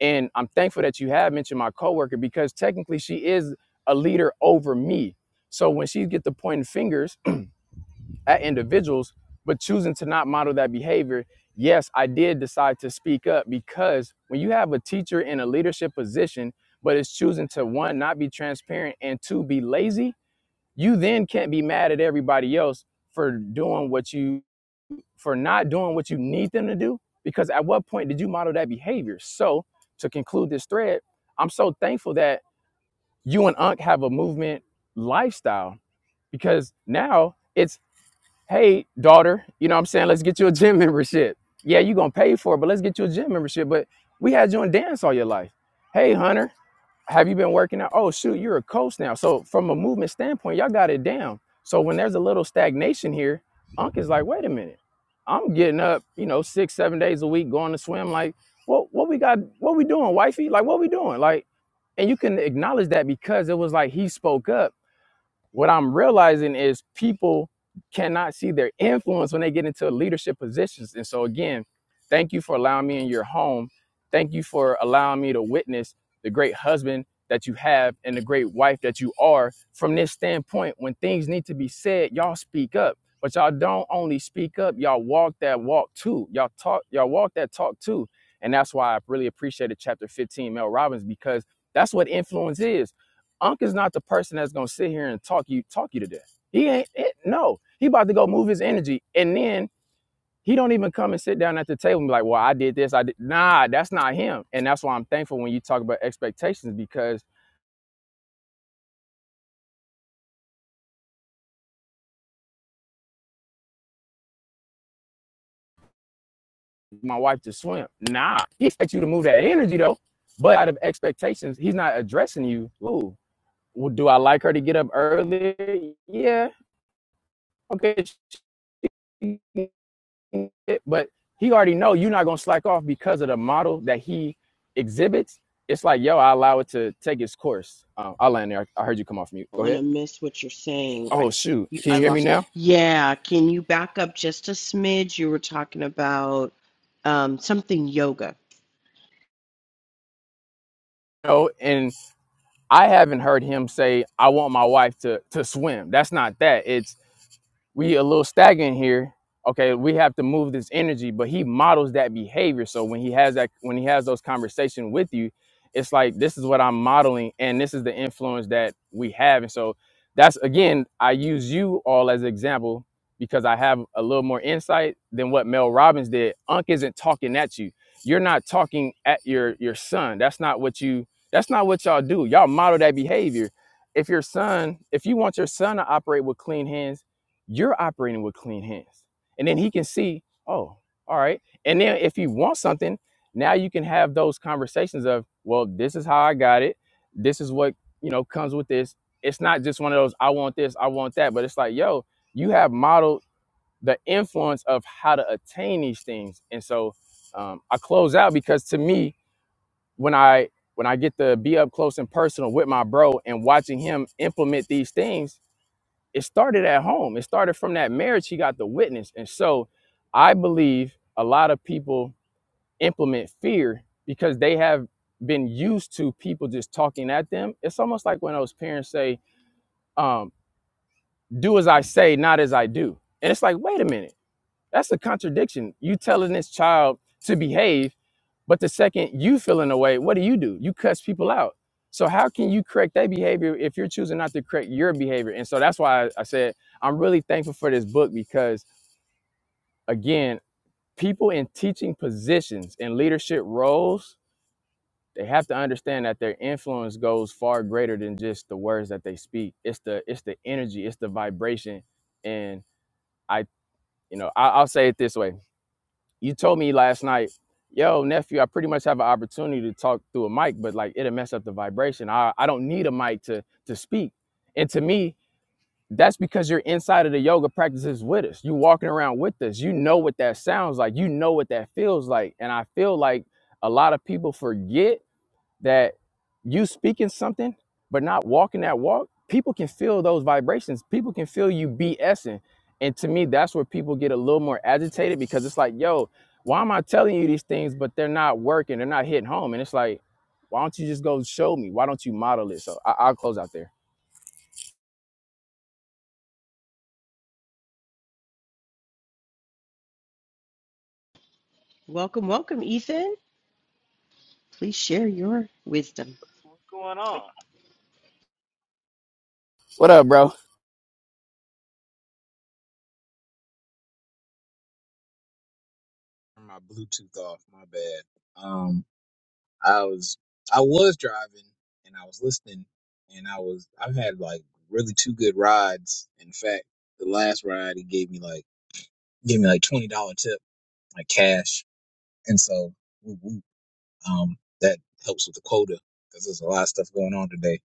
Speaker 1: And I'm thankful that you have mentioned my coworker because technically she is a leader over me. So when she get to pointing fingers, at individuals, but choosing to not model that behavior. Yes, I did decide to speak up because when you have a teacher in a leadership position, but it's choosing to one, not be transparent, and two, be lazy, you then can't be mad at everybody else for doing what you, for not doing what you need them to do. Because at what point did you model that behavior? So to conclude this thread, I'm so thankful that you and Unc have a movement lifestyle because now it's hey daughter you know what i'm saying let's get you a gym membership yeah you're gonna pay for it but let's get you a gym membership but we had you in dance all your life hey hunter have you been working out oh shoot you're a coach now so from a movement standpoint y'all got it down so when there's a little stagnation here unc is like wait a minute i'm getting up you know six seven days a week going to swim like what what we got what we doing wifey like what we doing like and you can acknowledge that because it was like he spoke up what I'm realizing is people cannot see their influence when they get into leadership positions. And so, again, thank you for allowing me in your home. Thank you for allowing me to witness the great husband that you have and the great wife that you are. From this standpoint, when things need to be said, y'all speak up. But y'all don't only speak up, y'all walk that walk too. Y'all talk, y'all walk that talk too. And that's why I really appreciated chapter 15, Mel Robbins, because that's what influence is Unc is not the person that's gonna sit here and talk you talk you to death. He ain't it, no. He about to go move his energy, and then he don't even come and sit down at the table and be like, "Well, I did this. I did." Nah, that's not him. And that's why I'm thankful when you talk about expectations because my wife just swim. Nah, he expects you to move that energy though. But out of expectations, he's not addressing you. Ooh, well, do I like her to get up early? Yeah. Okay, She it, but he already know you're not gonna slack off because of the model that he exhibits. It's like, yo, I allow it to take its course. Um, I'll land there. I heard you come off mute.
Speaker 2: I don't
Speaker 1: Go
Speaker 2: want to
Speaker 1: ahead.
Speaker 2: miss what you're saying. I
Speaker 1: Oh shoot,
Speaker 2: you,
Speaker 1: can
Speaker 2: I
Speaker 1: you hear me
Speaker 2: lost.
Speaker 1: now?
Speaker 2: Yeah, can you back up just a smidge? You were talking about um, something yoga.
Speaker 1: No, and I haven't heard him say, "I want my wife to to swim." That's not that. It's we a little stagnant here. Okay, we have to move this energy, but he models that behavior. So when he has that, when he has those conversations with you, it's like this is what I'm modeling, and this is the influence that we have. And so that's again, I use you all as an example because I have a little more insight than what Mel Robbins did. Unc isn't talking at you. You're not talking at your your son. That's not what you. That's not what y'all do. Y'all model that behavior. If your son, if you want your son to operate with clean hands you're operating with clean hands. And then he can see, oh, all right. And then if you want something, now you can have those conversations of, well, this is how I got it. This is what, you know, comes with this. It's not just one of those, I want this, I want that. But it's like, yo, you have modeled the influence of how to attain these things. And so um, I close out because to me, when I when I get to be up close and personal with my bro and watching him implement these things, it started at home. It started from that marriage he got the witness. And so I believe a lot of people implement fear because they have been used to people just talking at them. It's almost like when those parents say, um, do as I say, not as I do. And it's like, wait a minute, that's a contradiction. You telling this child to behave but the second you feel in a way, what do you do? You cuss people out. So how can you correct their behavior if you're choosing not to correct your behavior? And so that's why I, I said I'm really thankful for this book because again, people in teaching positions and leadership roles, they have to understand that their influence goes far greater than just the words that they speak. It's the it's the energy, it's the vibration. And I, you know, I, I'll say it this way. you told me last night, yo, nephew, I pretty much have an opportunity to talk through a mic, but like it'll mess up the vibration. I, I don't need a mic to to speak. And to me, that's because you're inside of the yoga practices with us. You walking around with us. You know what that sounds like. You know what that feels like. And I feel like a lot of people forget that you speaking something but not walking that walk, people can feel those vibrations. People can feel you BSing. And to me, that's where people get a little more agitated because it's like, yo, why am I telling you these things, but they're not working? They're not hitting home. And it's like, why don't you just go show me? Why don't you model it? So I- I'll close out there.
Speaker 2: Welcome, welcome, Ethan. Please share your wisdom.
Speaker 3: What's going on?
Speaker 1: What up, bro?
Speaker 3: Turn my Bluetooth off. My bad. Um, I was I was driving and I was listening and I was I've had like really two good rides. In fact, the last ride he gave me like gave me like twenty dollar tip like cash, and so woo woo, um that helps with the quota because there's a lot of stuff going on today,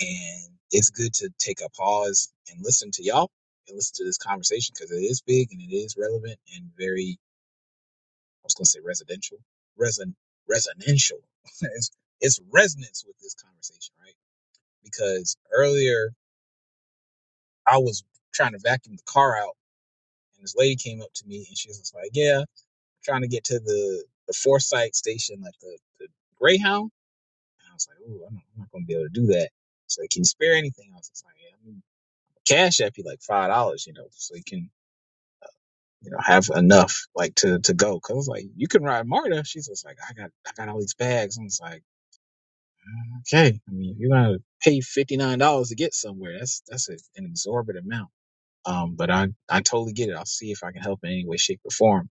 Speaker 3: and it's good to take a pause and listen to y'all and listen to this conversation because it is big and it is relevant and very I was going to say residential, resin, residential. it's, it's resonance with this conversation, right? Because earlier I was trying to vacuum the car out, and this lady came up to me and she was just like, "Yeah, trying to get to the the Forsyth station, like the, the Greyhound." And I was like, "Ooh, I'm not, I'm not going to be able to do that." So like, can you spare anything? I was just like, "Yeah, I mean, cash app you like five dollars, you know, so you can." You know, have enough like to to go. Cause I was like, you can ride Marta. She's just like, I got I got all these bags. I'm just like, Okay, I mean, you're gonna pay fifty nine dollars to get somewhere. That's that's a, an exorbitant amount. Um, but I I totally get it. I'll see if I can help in any way, shape, or form.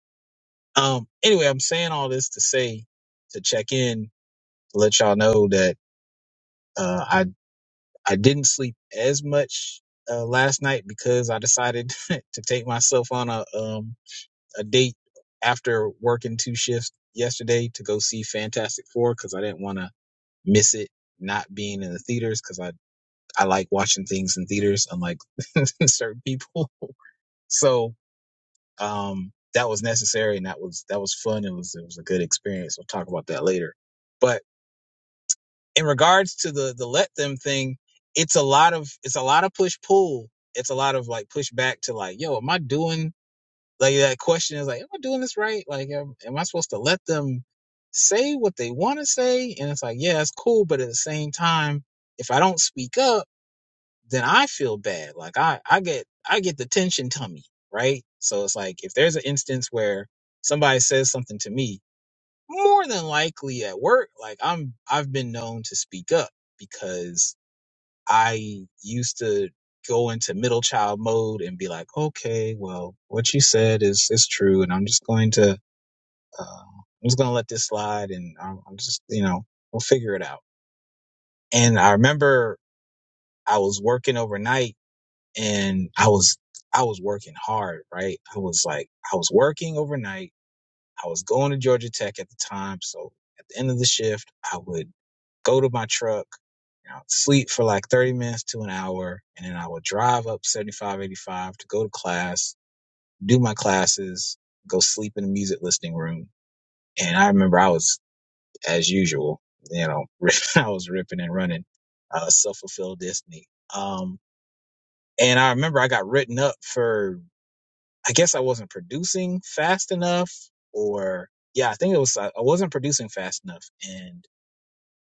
Speaker 3: Um, anyway, I'm saying all this to say to check in, to let y'all know that uh, I I didn't sleep as much uh, last night because I decided to take myself on a um a date after working two shifts yesterday to go see Fantastic Four because I didn't want to miss it not being in the theaters because I like watching things in theaters, unlike certain people. So um, that was necessary, and that was that was fun. It was it was a good experience. We'll talk about that later. But in regards to the the let them thing, it's a lot of it's a lot of push pull. It's a lot of like push back to like, yo, am I doing like that question is like, am I doing this right? Like, am, am I supposed to let them say what they want to say? And it's like, yeah, it's cool, but at the same time, if I don't speak up then I feel bad. Like I, I get, I get the tension tummy, right? So it's like if there's an instance where somebody says something to me, more than likely at work, like I'm, I've been known to speak up because I used to go into middle child mode and be like, okay, well, what you said is is true, and I'm just going to, uh, I'm just going to let this slide, and I'm, I'm just, you know, we'll figure it out. And I remember I was working overnight and I was I was working hard, right? I was like I was working overnight. I was going to Georgia Tech at the time, so at the end of the shift, I would go to my truck, and I would sleep for like 30 minutes to an hour, and then I would drive up 75, 85 to go to class, do my classes, go sleep in the music listening room. And I remember I was, as usual, you know, I was ripping and running, uh, self fulfilled destiny. Um, and I remember I got written up for I guess I wasn't producing fast enough, or yeah, I think it was I I wasn't producing fast enough. And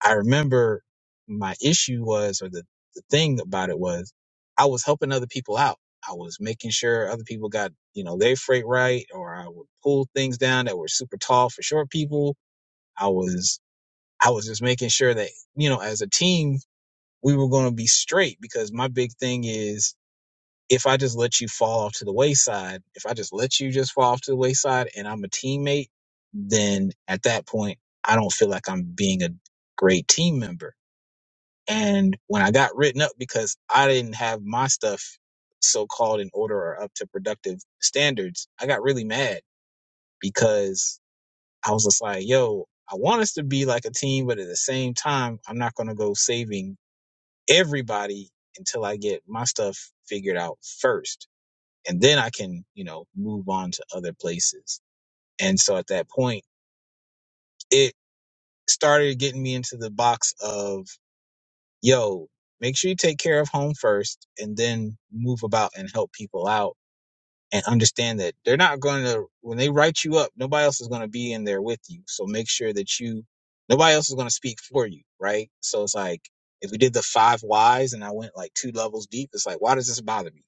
Speaker 3: I remember my issue was, or the, the thing about it was, I was helping other people out. I was making sure other people got, you know, their freight right, or I would pull things down that were super tall for short people. I was, I was just making sure that, you know, as a team, we were going to be straight because my big thing is if I just let you fall off to the wayside, if I just let you just fall off to the wayside and I'm a teammate, then at that point, I don't feel like I'm being a great team member. And when I got written up because I didn't have my stuff so called in order or up to productive standards, I got really mad because I was just like, yo, I want us to be like a team, but at the same time, I'm not going to go saving everybody until I get my stuff figured out first and then I can, you know, move on to other places. And so at that point, it started getting me into the box of, yo, make sure you take care of home first and then move about and help people out and understand that they're not going to, when they write you up, nobody else is going to be in there with you. So make sure that you, nobody else is going to speak for you. Right. So it's like, if we did the five whys and I went like two levels deep, it's like, why does this bother me?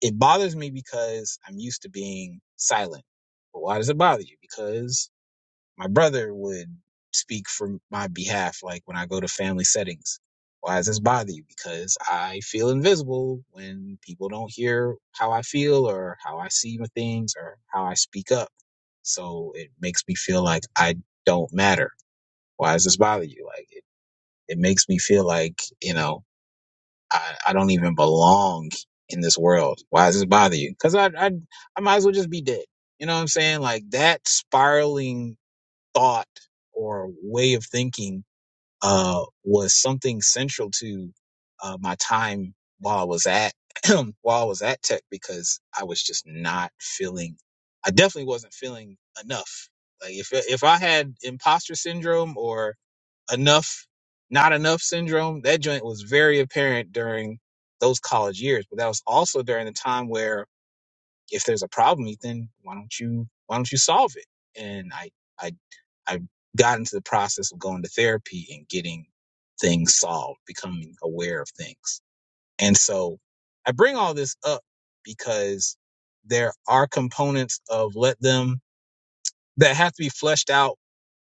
Speaker 3: It bothers me because I'm used to being silent. But why does it bother you? Because my brother would speak for my behalf, like when I go to family settings. Why does this bother you? Because I feel invisible when people don't hear how I feel or how I see things or how I speak up. So it makes me feel like I don't matter. Why does this bother you? Like it, it makes me feel like, you know, I, I don't even belong in this world. Why does this bother you? Because I, I I might as well just be dead. You know what I'm saying? Like that spiraling thought or way of thinking uh, was something central to uh, my time while I was at while I was at Tech because I was just not feeling. I definitely wasn't feeling enough. Like if if I had imposter syndrome or enough, not enough syndrome, that joint was very apparent during those college years. But that was also during the time where if there's a problem, Ethan, why don't you why don't you solve it? And I I I got into the process of going to therapy and getting things solved, becoming aware of things. And so I bring all this up because there are components of let them that have to be fleshed out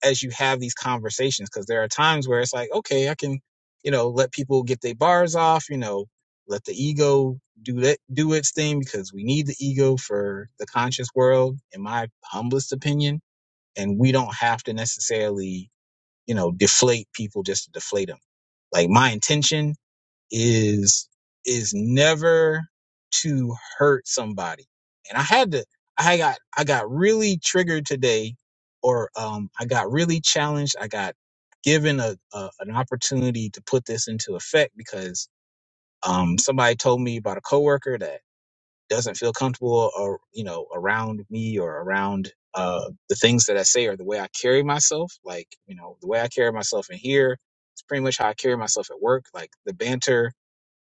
Speaker 3: as you have these conversations because there are times where it's like okay i can you know let people get their bars off you know let the ego do that do its thing because we need the ego for the conscious world in my humblest opinion and we don't have to necessarily you know deflate people just to deflate them like my intention is is never to hurt somebody. And I had to I got I got really triggered today or um I got really challenged. I got given a, a an opportunity to put this into effect because um somebody told me about a coworker that doesn't feel comfortable or you know around me or around uh the things that I say or the way I carry myself like you know the way I carry myself in here it's pretty much how I carry myself at work like the banter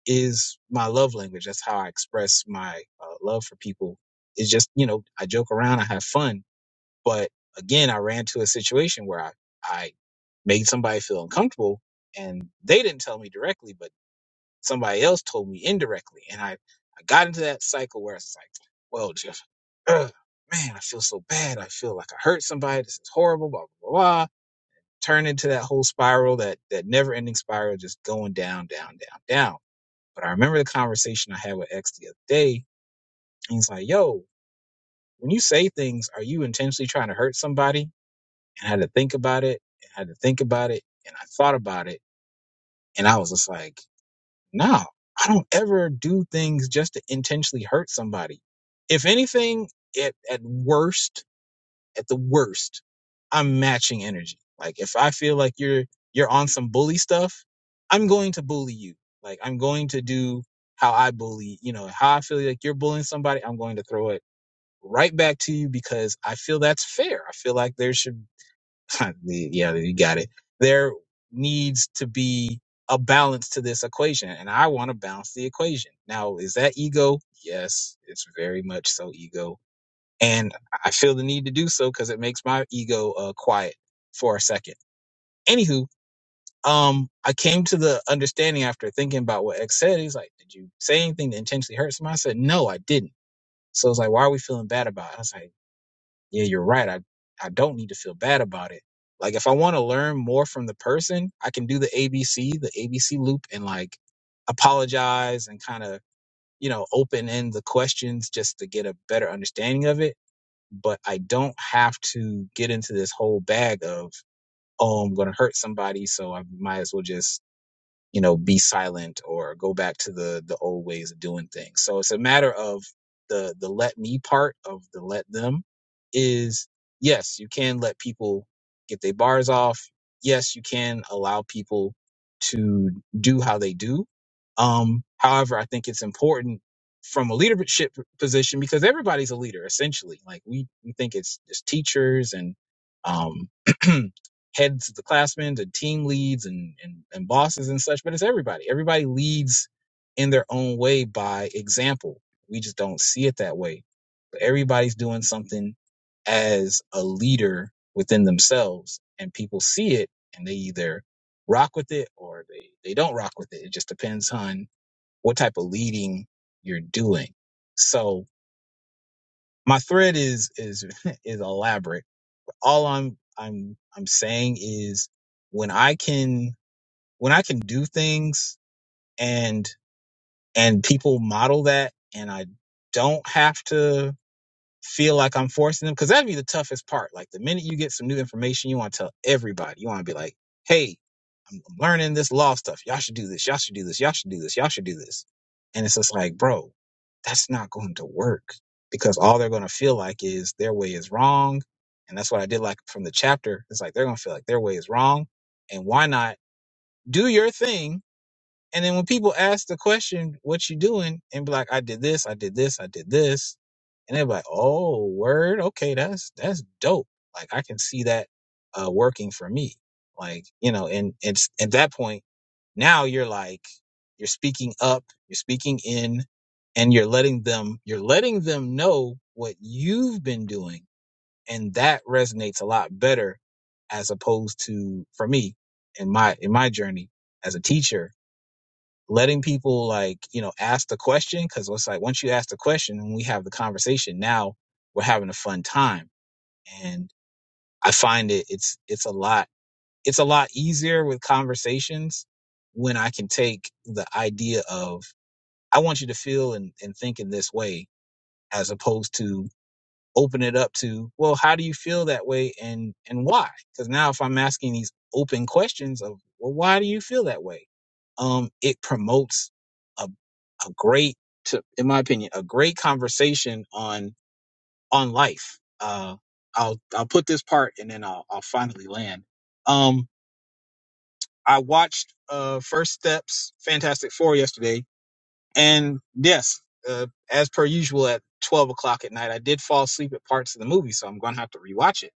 Speaker 3: is my love language. That's how I express my uh, love for people. It's just, you know, I joke around, I have fun. But again, I ran to a situation where I, I made somebody feel uncomfortable and they didn't tell me directly, but somebody else told me indirectly. And I, I got into that cycle where it's like, well, Jeff, ugh, man, I feel so bad. I feel like I hurt somebody. This is horrible, blah, blah, blah. blah. Turn into that whole spiral, that, that never ending spiral, just going down, down, down, down but I remember the conversation I had with X the other day. And he's like, yo, when you say things, are you intentionally trying to hurt somebody? And I had to think about it and I had to think about it. And I thought about it. And I was just like, no, I don't ever do things just to intentionally hurt somebody. If anything, it, at worst, at the worst, I'm matching energy. Like if I feel like you're you're on some bully stuff, I'm going to bully you. Like I'm going to do how I bully, you know, how I feel like you're bullying somebody, I'm going to throw it right back to you because I feel that's fair. I feel like there should yeah, you got it. There needs to be a balance to this equation and I want to balance the equation. Now, is that ego? Yes, it's very much so ego and I feel the need to do so because it makes my ego uh, quiet for a second. Anywho, um, I came to the understanding after thinking about what X said. He's like, "Did you say anything that intentionally hurt somebody?" I said, "No, I didn't." So it's like, "Why are we feeling bad about it?" I was like, "Yeah, you're right. I I don't need to feel bad about it. Like, if I want to learn more from the person, I can do the ABC, the ABC loop, and like apologize and kind of." You know, open end the questions just to get a better understanding of it but I don't have to get into this whole bag of, oh, I'm going to hurt somebody. So I might as well just you know be silent or go back to the the old ways of doing things so it's a matter of the the let me part of the let them is yes you can let people get their bars off yes you can allow people to do how they do um however i think it's important from a leadership position because everybody's a leader essentially like we we think it's just teachers and um heads of the classmen to team leads and, and, and bosses and such, but it's everybody. Everybody leads in their own way by example. We just don't see it that way. But everybody's doing something as a leader within themselves, and people see it and they either rock with it or they, they don't rock with it. It just depends on what type of leading you're doing. So my thread is is is elaborate all I'm I'm I'm saying is when I can when I can do things and and people model that and I don't have to feel like I'm forcing them because that'd be the toughest part. Like the minute you get some new information, you want to tell everybody. You want to be like, hey, I'm learning this law stuff. Y'all should do this. Y'all should do this. Y'all should do this. Y'all should do this. And it's just like, bro, that's not going to work because all they're going to feel like is their way is wrong. And that's what I did like from the chapter. It's like they're going to feel like their way is wrong. And why not do your thing? And then when people ask the question, what you doing? And be like, I did this, I did this, I did this. And they're like, oh, word. Okay. That's, that's dope. Like I can see that uh, working for me. Like, you know, and it's at that point, now you're like, you're speaking up, you're speaking in, and you're letting them, you're letting them know what you've been doing. And that resonates a lot better as opposed to for me in my, in my journey as a teacher, letting people like, you know, ask the question. Cause it's like, once you ask the question and we have the conversation, now we're having a fun time. And I find it, it's, it's a lot it's a lot easier with conversations when I can take the idea of I want you to feel and, and think in this way as opposed to open it up to well how do you feel that way and and why because now if I'm asking these open questions of well why do you feel that way um it promotes a a great to in my opinion a great conversation on on life uh I'll I'll put this part and then I'll I'll finally land Um, I watched uh First Steps Fantastic Four yesterday, and yes, uh, as per usual at twelve o'clock at night, I did fall asleep at parts of the movie, so I'm gonna have to rewatch it.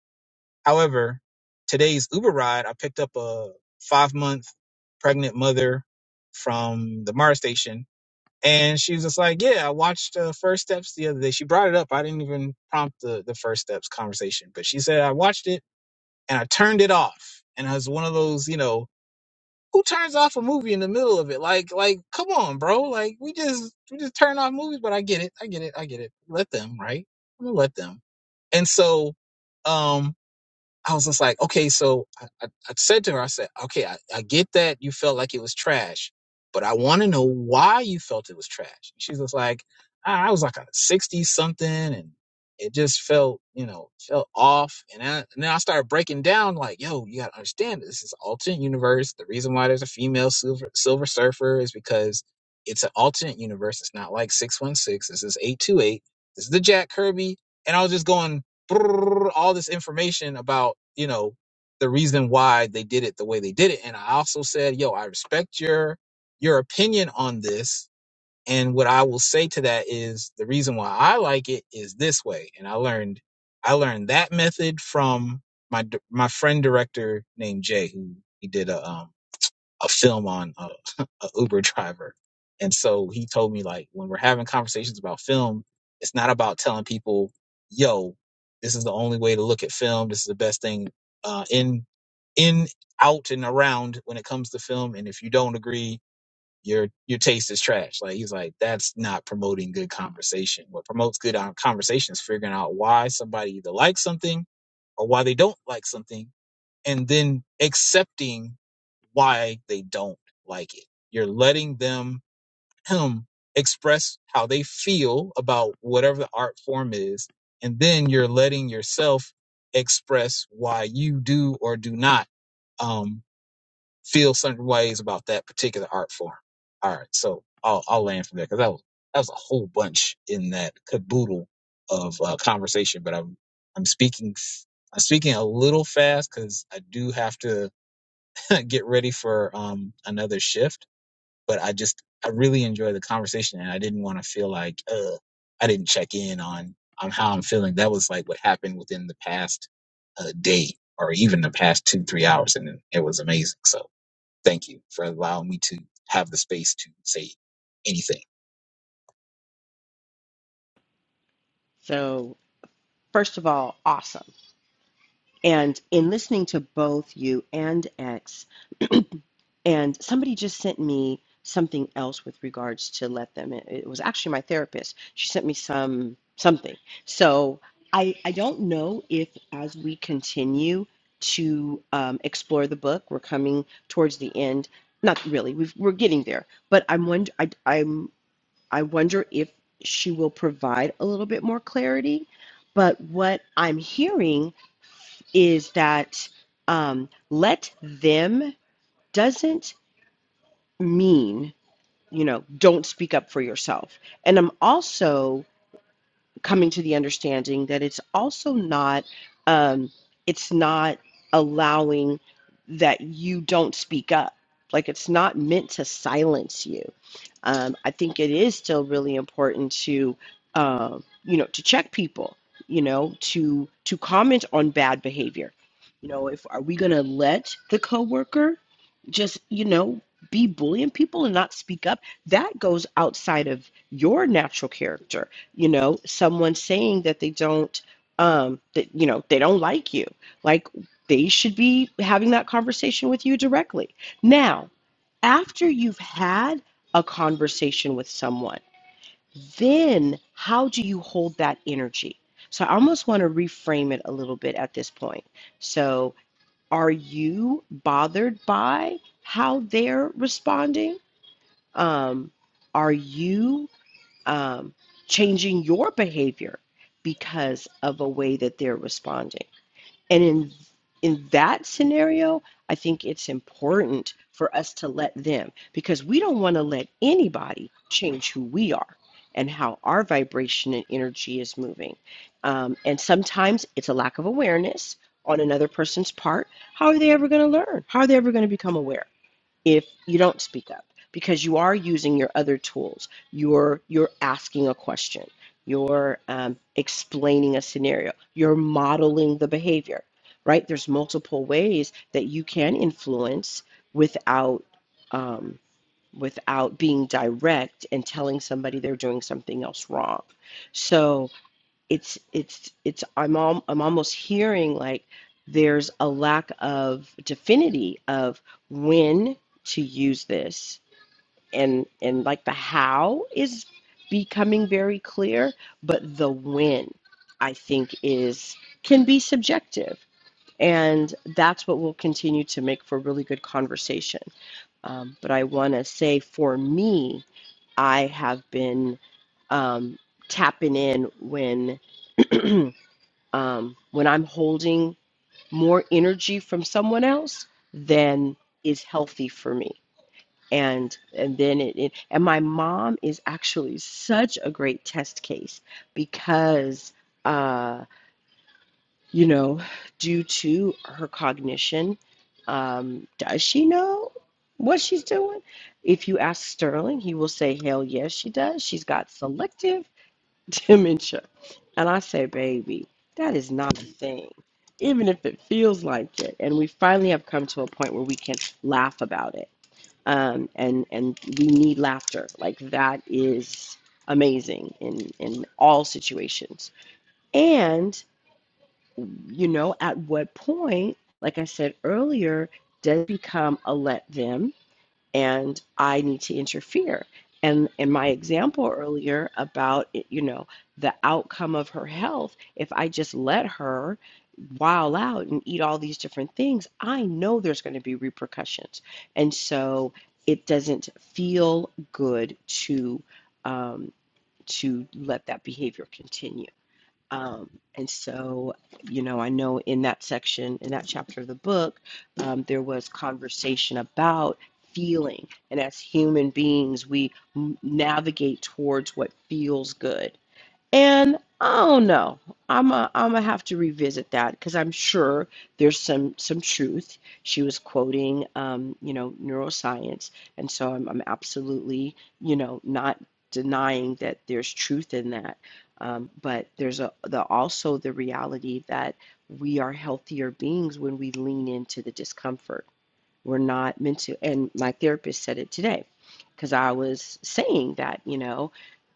Speaker 3: However, today's Uber ride, I picked up a five month pregnant mother from the MARA station, and she was just like, "Yeah, I watched uh, First Steps the other day." She brought it up. I didn't even prompt the the First Steps conversation, but she said I watched it and I turned it off, and I was one of those, you know who turns off a movie in the middle of it? Like, like, come on, bro. Like, we just we just turn off movies, but I get it, I get it, I get it. Let them, right? I'm gonna let them. And so, um, I was just like, okay, so I, I, I said to her, I said, okay, I, I get that you felt like it was trash, but I want to know why you felt it was trash. She was like, I, I was like a 60 something and it just felt, you know, felt off. And, I, and then I started breaking down like, yo, you got to understand this is an alternate universe. The reason why there's a female silver, silver surfer is because it's an alternate universe. It's not like 616. This is 828. This is the Jack Kirby. And I was just going, brrr, all this information about you know the reason why they did it the way they did it and i also said yo i respect your your opinion on this and what i will say to that is the reason why i like it is this way and i learned i learned that method from my d- my friend director named jay who he did a um a film on a, a Uber driver. And so he told me like when we're having conversations about film, it's not about telling people, "Yo, this is the only way to look at film. This is the best thing uh, in in out and around when it comes to film. And if you don't agree, your your taste is trash." Like he's like, "That's not promoting good conversation. What promotes good uh, conversation is figuring out why somebody either likes something or why they don't like something, and then accepting." why they don't like it. You're letting them him express how they feel about whatever the art form is, and then you're letting yourself express why you do or do not um, feel certain ways about that particular art form. All right, so I'll, I'll land from there because that was that was a whole bunch in that caboodle of uh, conversation. But I'm I'm speaking f- I'm speaking a little fast because I do have to get ready for um another shift, but I just I really enjoy the conversation and I didn't want to feel like uh I didn't check in on on how I'm feeling. That was like what happened within the past uh, day or even the past 2 3 hours and it was amazing. So, thank you for allowing me to have the space to say anything.
Speaker 2: So, first of all, awesome. And in listening to both you and X, and somebody just sent me something else with regards to let them in. It was actually my therapist. She sent me some something. So I I don't know if as we continue to um, explore the book, we're coming towards the end. Not really. We've, we're getting there. But I'm wonder I, I'm I wonder if she will provide a little bit more clarity. But what I'm hearing is that um, let them doesn't mean, you know, don't speak up for yourself. And I'm also coming to the understanding that it's also not um, it's not allowing that you don't speak up like it's not meant to silence you um, i think it is still really important to uh, you know to check people you know to to comment on bad behavior you know if are we going to let the coworker just you know be bullying people and not speak up that goes outside of your natural character you know someone saying that they don't um that you know they don't like you like they should be having that conversation with you directly now after you've had a conversation with someone then how do you hold that energy so i almost want to reframe it a little bit at this point so are you bothered by how they're responding um are you um, changing your behavior because of a way that they're responding. And in in that scenario, I think it's important for us to let them because we don't want to let anybody change who we are and how our vibration and energy is moving. Um, and sometimes it's a lack of awareness on another person's part. How are they ever going to learn? How are they ever going to become aware? if you don't speak up because you are using your other tools you're you're asking a question you're um, explaining a scenario you're modeling the behavior right there's multiple ways that you can influence without um, without being direct and telling somebody they're doing something else wrong so it's it's it's I'm al- I'm almost hearing like there's a lack of definity of when to use this and and like the how is becoming very clear but the when I think is can be subjective and that's what will continue to make for really good conversation um, but I want to say for me I have been um, tapping in when um, when I'm holding more energy from someone else than is healthy for me. And and then it, it and my mom is actually such a great test case because uh, you know, due to her cognition, um, does she know what she's doing? If you ask Sterling, he will say, "Hell yes, she does. She's got selective. dementia. And I say, baby, that is not a thing. Even if it feels like it. And we finally have come to a point where we can laugh about it. Um, and, and we need laughter. Like that is amazing in, in all situations. And, you know, at what point, like I said earlier, does it become a let them? and I need to interfere. And in my example earlier about, you know, the outcome of her health, if I just let her wild out and eat all these different things, I know there's going to be repercussions. And so it doesn't feel good to um, to let that behavior continue. Um, and so, you know, I know in that section, in that chapter of the book, um, there was conversation about feeling. And as human beings, we navigate towards what feels good. And I don't know. I'm a, I'm gonna have to revisit that because I'm sure there's some some truth. She was quoting, um, you know, neuroscience, and so I'm I'm absolutely, you know, not denying that there's truth in that. Um, but there's a the also the reality that we are healthier beings when we lean into the discomfort. We're not meant to. And my therapist said it today, because I was saying that, you know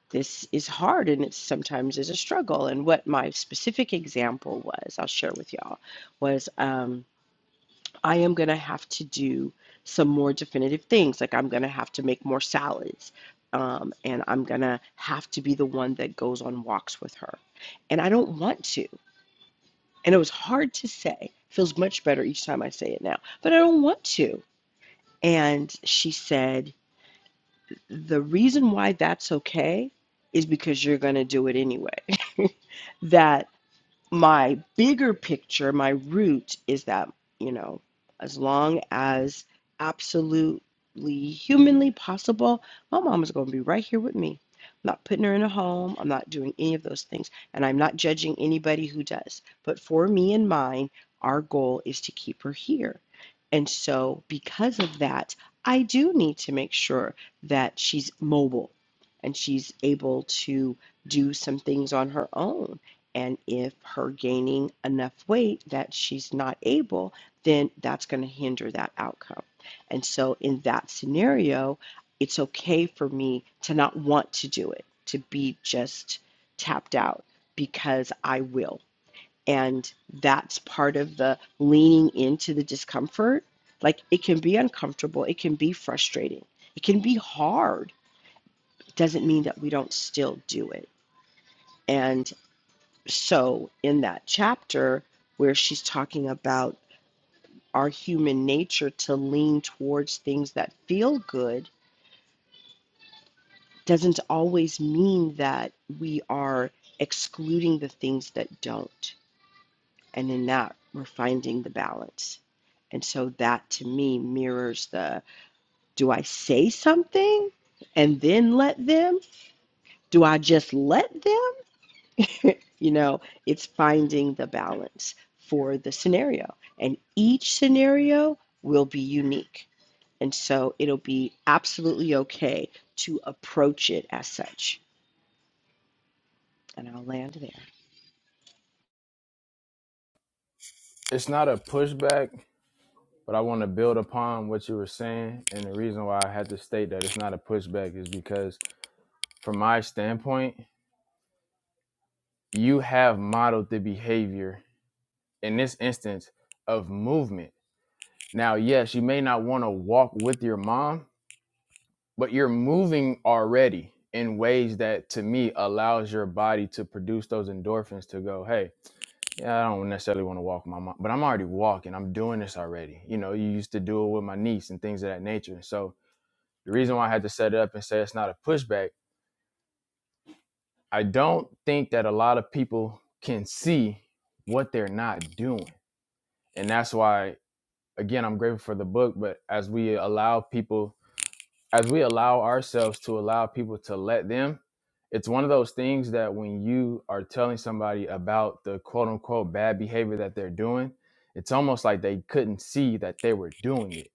Speaker 2: this is hard and it sometimes is a struggle. And what my specific example was, I'll share with y'all, was um, I am going to have to do some more definitive things. Like I'm going to have to make more salads. Um, and I'm going to have to be the one that goes on walks with her. And I don't want to. And it was hard to say. Feels much better each time I say it now, but I don't want to. And she said, The reason why that's okay is because you're going to do it anyway. That my bigger picture, my root is that, you know, as long as absolutely humanly possible, my mom is going to be right here with me. I'm not putting her in a home. I'm not doing any of those things. And I'm not judging anybody who does. But for me and mine, our goal is to keep her here. And so, because of that, I do need to make sure that she's mobile and she's able to do some things on her own and if her gaining enough weight that she's not able, then that's going to hinder that outcome. And so, in that scenario, it's okay for me to not want to do it, to be just tapped out because I will. And that's part of the leaning into the discomfort. Like it can be uncomfortable, it can be frustrating, it can be hard. It doesn't mean that we don't still do it. And so, in that chapter where she's talking about our human nature to lean towards things that feel good doesn't always mean that we are excluding the things that don't. And in that, we're finding the balance. And so, that to me mirrors the do I say something and then let them? Do I just let them? You know, it's finding the balance for the scenario. And each scenario will be unique. And so it'll be absolutely okay to approach it as such. And I'll land there.
Speaker 1: It's not a pushback, but I want to build upon what you were saying. And the reason why I had to state that it's not a pushback is because, from my standpoint, you have modeled the behavior in this instance of movement. Now, yes, you may not want to walk with your mom, but you're moving already in ways that to me allows your body to produce those endorphins to go, hey, yeah, I don't necessarily want to walk with my mom, but I'm already walking. I'm doing this already. You know, you used to do it with my niece and things of that nature. So the reason why I had to set it up and say it's not a pushback, I don't think that a lot of people can see what they're not doing and that's why again i'm grateful for the book but as we allow people as we allow ourselves to allow people to let them it's one of those things that when you are telling somebody about the quote unquote bad behavior that they're doing it's almost like they couldn't see that they were doing it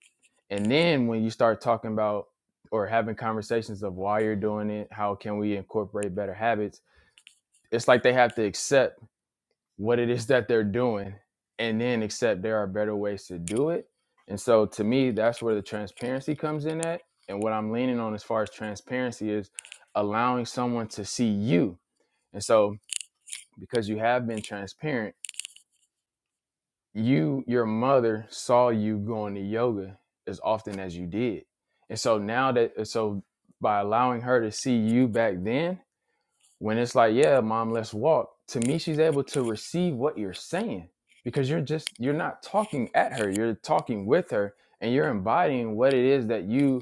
Speaker 1: and then when you start talking about or having conversations of why you're doing it how can we incorporate better habits it's like they have to accept what it is that they're doing and then accept there are better ways to do it. And so to me, that's where the transparency comes in at. And what I'm leaning on as far as transparency is allowing someone to see you. And so because you have been transparent, you, your mother saw you going to yoga as often as you did. And so now that, so by allowing her to see you back then, When it's like, yeah, mom, let's walk. To me, she's able to receive what you're saying because you're just you're not talking at her. You're talking with her, and you're embodying what it is that you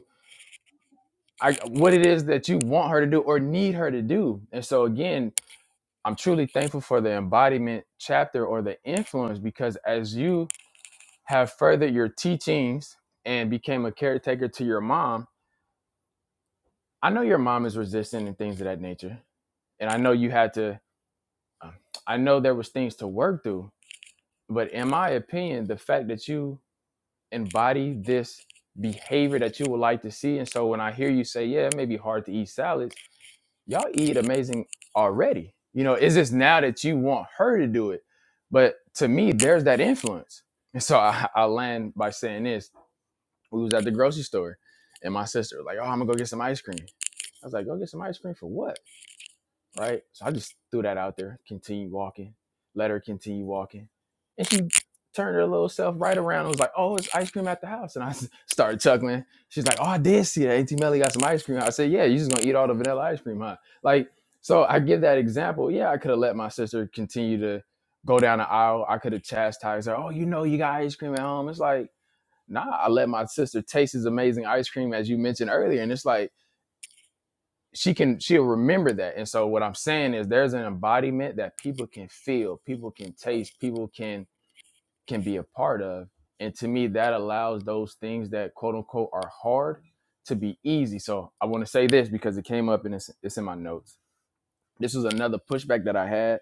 Speaker 1: I, what it is that you want her to do or need her to do. And so again, I'm truly thankful for the embodiment chapter or the influence because as you have furthered your teachings and became a caretaker to your mom, I know your mom is resistant and things of that nature. And I know you had to, um, I know there was things to work through, But in my opinion, the fact that you embody this behavior that you would like to see, and so when I hear you say, "Yeah, it may be hard to eat salads," y'all eat amazing already. You know, it's just now that you want her to do it. But to me, there's that influence, and so I, I land by saying this: We was at the grocery store, and my sister was like, "Oh, I'm gonna go get some ice cream." I was like, "Go get some ice cream for what?" right? So I just threw that out there. Continue walking. Let her continue walking. And she turned her little self right around and was like, "Oh, it's ice cream at the house." And I started chuckling. She's like, "Oh, I did see that. Auntie Melly got some ice cream." I said, "Yeah, you just gonna eat all the vanilla ice cream, huh?" Like, so I give that example. Yeah, I could have let my sister continue to go down the aisle. I could have chastised her. Oh, you know, you got ice cream at home. It's like, nah. I let my sister taste this amazing ice cream as you mentioned earlier, and it's like she can she'll remember that and so what i'm saying is there's an embodiment that people can feel people can taste people can can be a part of and to me that allows those things that quote unquote are hard to be easy so i want to say this because it came up and it's, it's in my notes this was another pushback that i had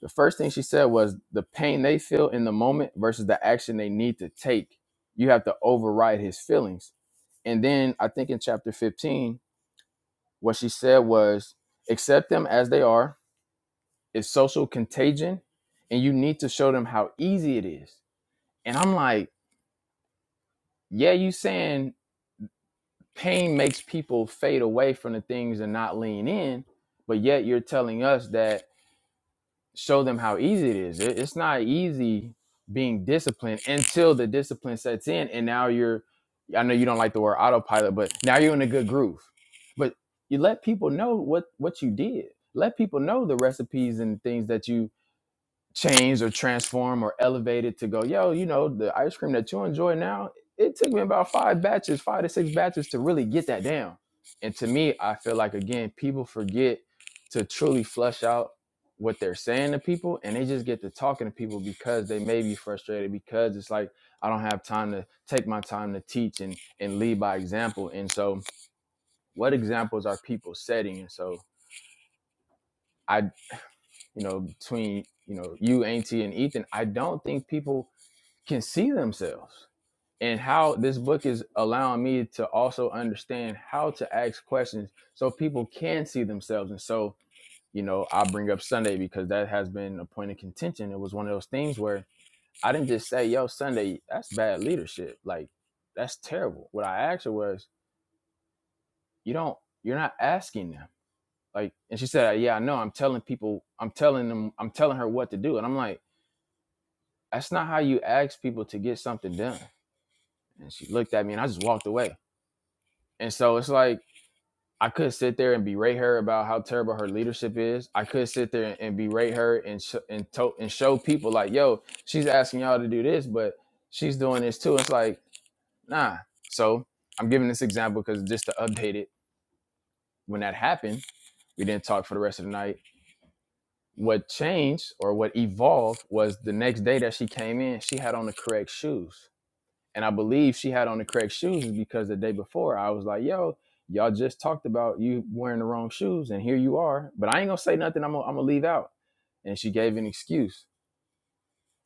Speaker 1: the first thing she said was the pain they feel in the moment versus the action they need to take you have to override his feelings and then i think in chapter 15 what she said was accept them as they are. It's social contagion, and you need to show them how easy it is. And I'm like, yeah, you saying pain makes people fade away from the things and not lean in, but yet you're telling us that show them how easy it is. It, it's not easy being disciplined until the discipline sets in, and now you're. I know you don't like the word autopilot, but now you're in a good groove. But you let people know what what you did. Let people know the recipes and things that you changed or transformed or elevated to go, yo, you know, the ice cream that you enjoy now, it took me about five batches, five to six batches to really get that down. And to me, I feel like again, people forget to truly flush out what they're saying to people and they just get to talking to people because they may be frustrated because it's like I don't have time to take my time to teach and and lead by example. And so what examples are people setting? And so I, you know, between, you know, you, Auntie and Ethan, I don't think people can see themselves and how this book is allowing me to also understand how to ask questions so people can see themselves and so you know i bring up sunday because that has been a point of contention it was one of those things where i didn't just say yo sunday that's bad leadership like that's terrible what i asked her was you don't you're not asking them like and she said yeah i know i'm telling people i'm telling them i'm telling her what to do and i'm like that's not how you ask people to get something done and she looked at me and i just walked away And so it's like I could sit there and berate her about how terrible her leadership is. I could sit there and, and berate her and sh- and to- and show people like, yo, she's asking y'all to do this, but she's doing this too. It's like, nah. So I'm giving this example because just to update it, when that happened, we didn't talk for the rest of the night. What changed or what evolved was the next day that she came in, she had on the correct shoes and I believe she had on the correct shoes because the day before I was like, "Yo, y'all just talked about you wearing the wrong shoes, and here you are." But I ain't gonna say nothing. I'm gonna, I'm gonna leave out. And she gave an excuse.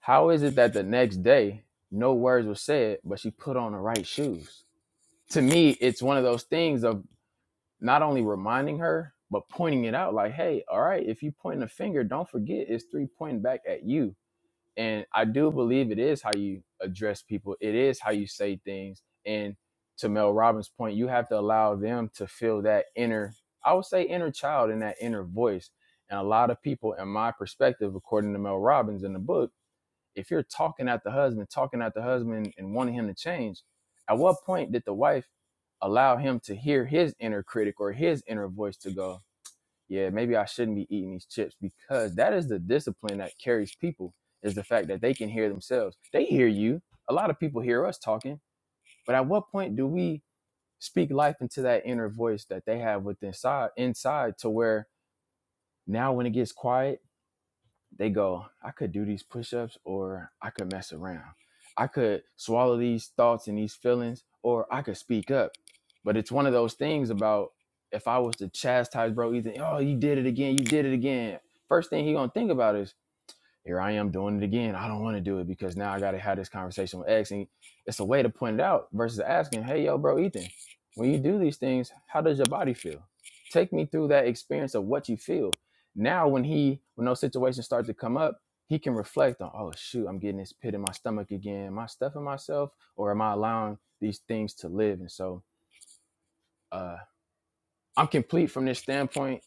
Speaker 1: How is it that the next day no words were said, but she put on the right shoes? To me, it's one of those things of not only reminding her but pointing it out. Like, hey, all right, if you pointing a finger, don't forget it's three pointing back at you and I do believe it is how you address people. It is how you say things. And to Mel Robbins' point, you have to allow them to feel that inner, I would say inner child and that inner voice. And a lot of people, in my perspective, according to Mel Robbins in the book, if you're talking at the husband, talking at the husband and wanting him to change, at what point did the wife allow him to hear his inner critic or his inner voice to go, yeah, maybe I shouldn't be eating these chips because that is the discipline that carries people is the fact that they can hear themselves. They hear you. A lot of people hear us talking, but at what point do we speak life into that inner voice that they have within inside inside to where now when it gets quiet, they go, I could do these push ups or I could mess around. I could swallow these thoughts and these feelings or I could speak up. But it's one of those things about if I was to chastise bro Ethan, oh, you did it again, you did it again. First thing he gonna think about is here I am doing it again. I don't want to do it because now I got to have this conversation with X. And it's a way to point it out versus asking, hey, yo, bro, Ethan, when you do these things, how does your body feel? Take me through that experience of what you feel. Now, when he, when those situations start to come up, he can reflect on, oh, shoot, I'm getting this pit in my stomach again. Am I stuffing myself or am I allowing these things to live? And so uh, I'm complete from this standpoint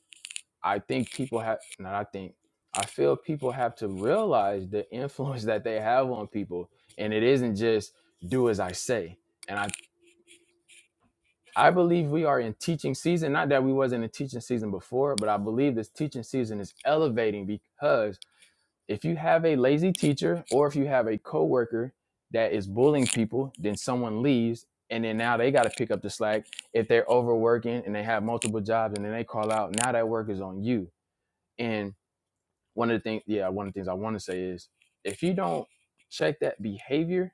Speaker 1: I think people have not I think I feel people have to realize the influence that they have on people and it isn't just do as I say. And I I believe we are in teaching season, not that we wasn't in teaching season before, but I believe this teaching season is elevating because if you have a lazy teacher or if you have a coworker that is bullying people, then someone leaves and then now they got to pick up the slack if they're overworking and they have multiple jobs and then they call out now that work is on you. And one of the things yeah one of the things i want to say is if you don't check that behavior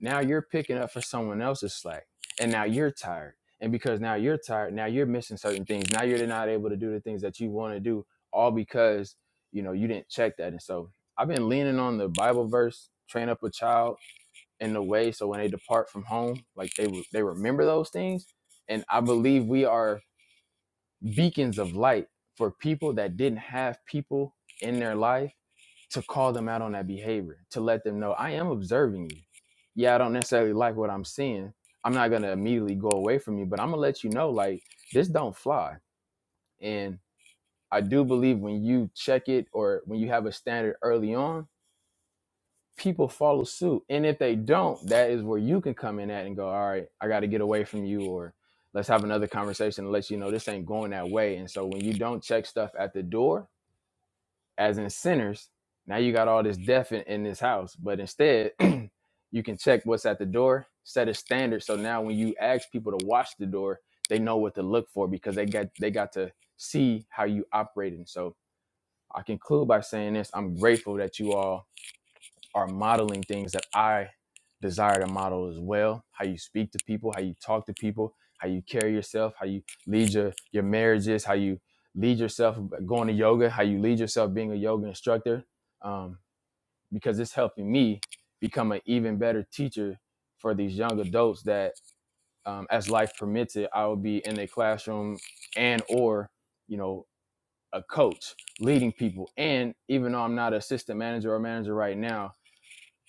Speaker 1: now you're picking up for someone else's slack and now you're tired and because now you're tired now you're missing certain things now you're not able to do the things that you want to do all because you know you didn't check that and so i've been leaning on the bible verse train up a child in the way so when they depart from home like they they remember those things and i believe we are beacons of light for people that didn't have people in their life to call them out on that behavior, to let them know I am observing you. Yeah, I don't necessarily like what I'm seeing. I'm not gonna immediately go away from you, but I'm gonna let you know like this don't fly. And I do believe when you check it or when you have a standard early on, people follow suit. And if they don't, that is where you can come in at and go, all right, I got to get away from you, or let's have another conversation and let you know this ain't going that way. And so when you don't check stuff at the door, as in sinners, now you got all this death in, in this house. But instead, you can check what's at the door, set a standard. So now when you ask people to watch the door, they know what to look for because they got they got to see how you operate. And So I conclude by saying this. I'm grateful that you all are modeling things that I desire to model as well. How you speak to people, how you talk to people, how you carry yourself, how you lead your your marriages, how you lead yourself going to yoga, how you lead yourself being a yoga instructor, um, because it's helping me become an even better teacher for these young adults that, um, as life permits it, I will be in a classroom and or you know a coach leading people and even though i'm not an assistant manager or manager right now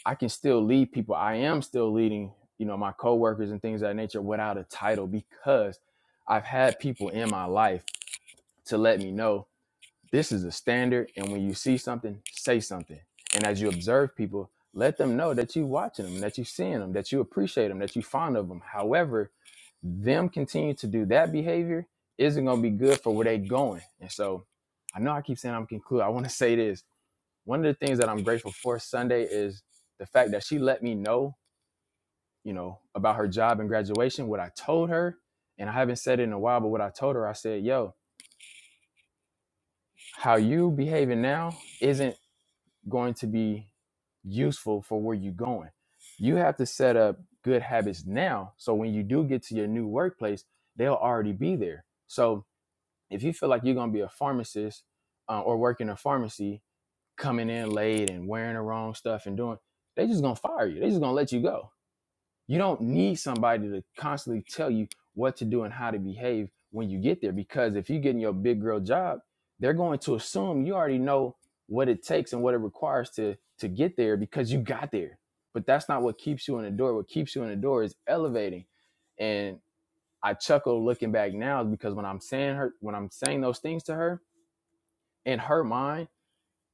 Speaker 1: I can still lead people. I am still leading, you know, my coworkers and things of that nature without a title because I've had people in my life to let me know this is a standard. And when you see something, say something. And as you observe people, let them know that you're watching them, that you're seeing them, that you appreciate them, that you're fond of them. However, them continue to do that behavior isn't going to be good for where they are going. And so I know I keep saying I'm concluding. I want to say this one of the things that I'm grateful for Sunday is the fact that she let me know, you know, about her job and graduation, what I told her. And I haven't said it in a while, but what I told her, I said, yo, how you behaving now isn't going to be useful for where you're going. You have to set up good habits now. So when you do get to your new workplace, they'll already be there. So if you feel like you're going to be a pharmacist uh, or work in a pharmacy coming in late and wearing the wrong stuff and doing, they just gonna fire you. They just gonna let you go. You don't need somebody to constantly tell you what to do and how to behave when you get there. Because if you're getting your big girl job, they're going to assume you already know what it takes and what it requires to to get there because you got there. But that's not what keeps you in the door. What keeps you in the door is elevating. And I chuckle looking back now because when I'm saying her when I'm saying those things to her, in her mind,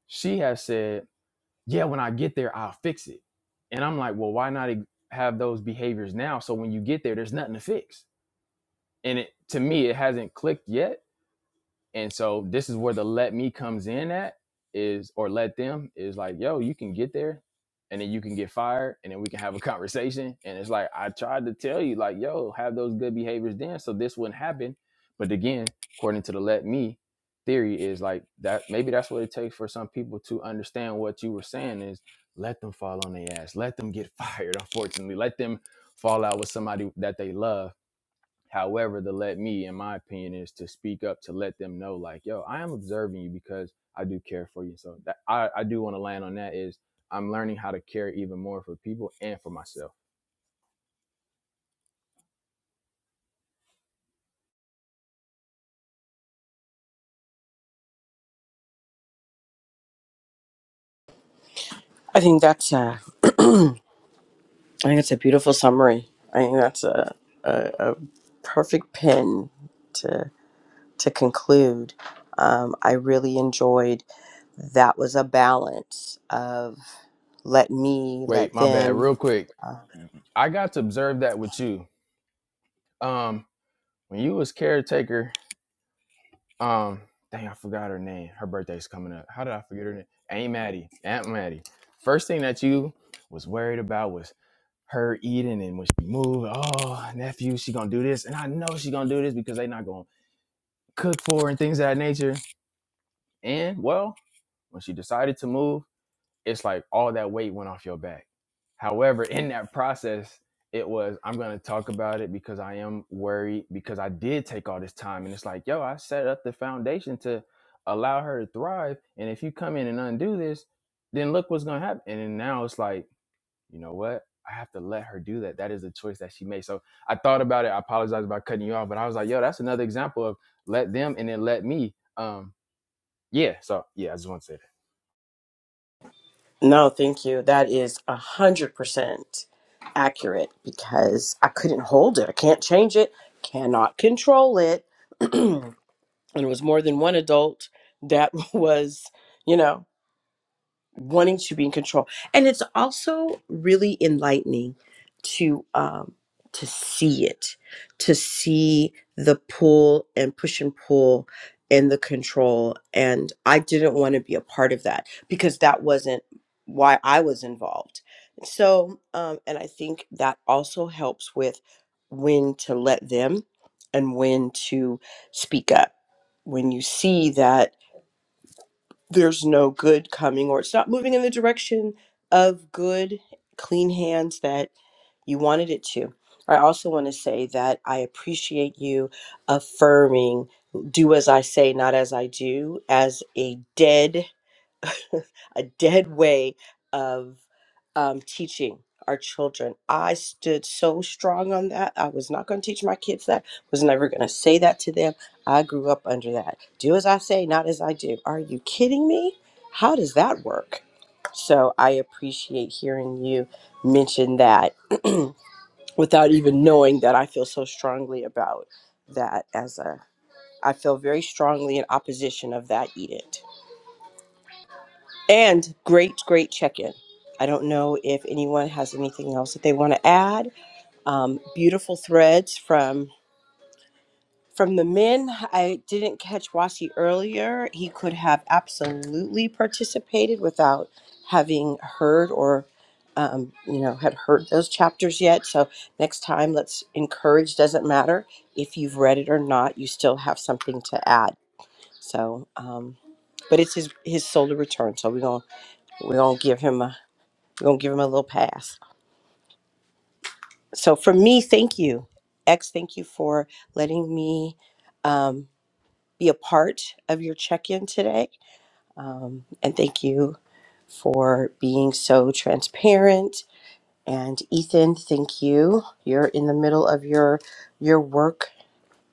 Speaker 1: she has said, yeah, when I get there, I'll fix it. And I'm like, well, why not e- have those behaviors now? So when you get there, there's nothing to fix. And it to me, it hasn't clicked yet and so this is where the let me comes in at is or let them is like, yo, you can get there and then you can get fired and then we can have a conversation. And it's like, I tried to tell you, like, yo, have those good behaviors then so this wouldn't happen. But again, according to the let me theory is like that maybe that's what it takes for some people to understand what you were saying is let them fall on their ass. Let them get fired, unfortunately. Let them fall out with somebody that they love However, the let me, in my opinion, is to speak up to let them know, like, yo, I am observing you because I do care for you. So that I, I do want to land on that is I'm learning how to care even more for people and for myself.
Speaker 2: I think that's a, I think it's a beautiful summary. I think that's a, a, a perfect pin to to conclude. Um, I really enjoyed that was a balance of let me,
Speaker 1: Wait,
Speaker 2: let
Speaker 1: my bad.
Speaker 2: them,
Speaker 1: Real quick, I got to observe that with you. Um, when you was caretaker Um, dang, I forgot her name. Her birthday's coming up. How did I forget her name? Aunt Maddie. Aunt Maddie. First thing that you was worried about was her eating and when she moved, oh nephew, she gonna do this, and I know she gonna do this because they not gonna cook for her and things of that nature. And well, when she decided to move it's like all that weight went off your back. However, in that process, it was I'm gonna talk about it because I am worried because I did take all this time and it's like, yo, I set up the foundation to allow her to thrive. And if you come in and undo this, then look what's gonna happen. And then now it's like, you know what? I have to let her do that. That is the choice that she made. So I thought about it. I apologize about cutting you off, but I was like, yo, that's another example of let them and then let me. Um, yeah. So yeah, I just want to say that.
Speaker 2: No, thank you. That is a hundred percent accurate because I couldn't hold it. I can't change it, cannot control it. and it was more than one adult that was, you know wanting to be in control and it's also really enlightening to um to see it to see the pull and push and pull and the control and i didn't want to be a part of that because that wasn't why i was involved so um and i think that also helps with when to let them and when to speak up when you see that there's no good coming or it's not moving in the direction of good, clean hands that you wanted it to. I also want to say that I appreciate you affirming do as I say, not as I do, as a dead a dead way of um, teaching our children. I stood so strong on that. I was not going to teach my kids that. Was never going to say that to them. I grew up under that. Do as I say, not as I do. Are you kidding me? How does that work? So I appreciate hearing you mention that without even knowing that I feel so strongly about that as a I feel very strongly in opposition of that Edith. And great, great check in. I don't know if anyone has anything else that they want to add. Um, beautiful threads from from the men. I didn't catch Wasi earlier. He could have absolutely participated without having heard or um, you know had heard those chapters yet. So next time, let's encourage. Doesn't matter if you've read it or not. You still have something to add. So, um, but it's his his solar return. So we're gonna we're gonna give him a we're going to give him a little pass. So for me, thank you. X, thank you for letting me um, be a part of your check in today. Um, and thank you for being so transparent. And Ethan, thank you. You're in the middle of your your work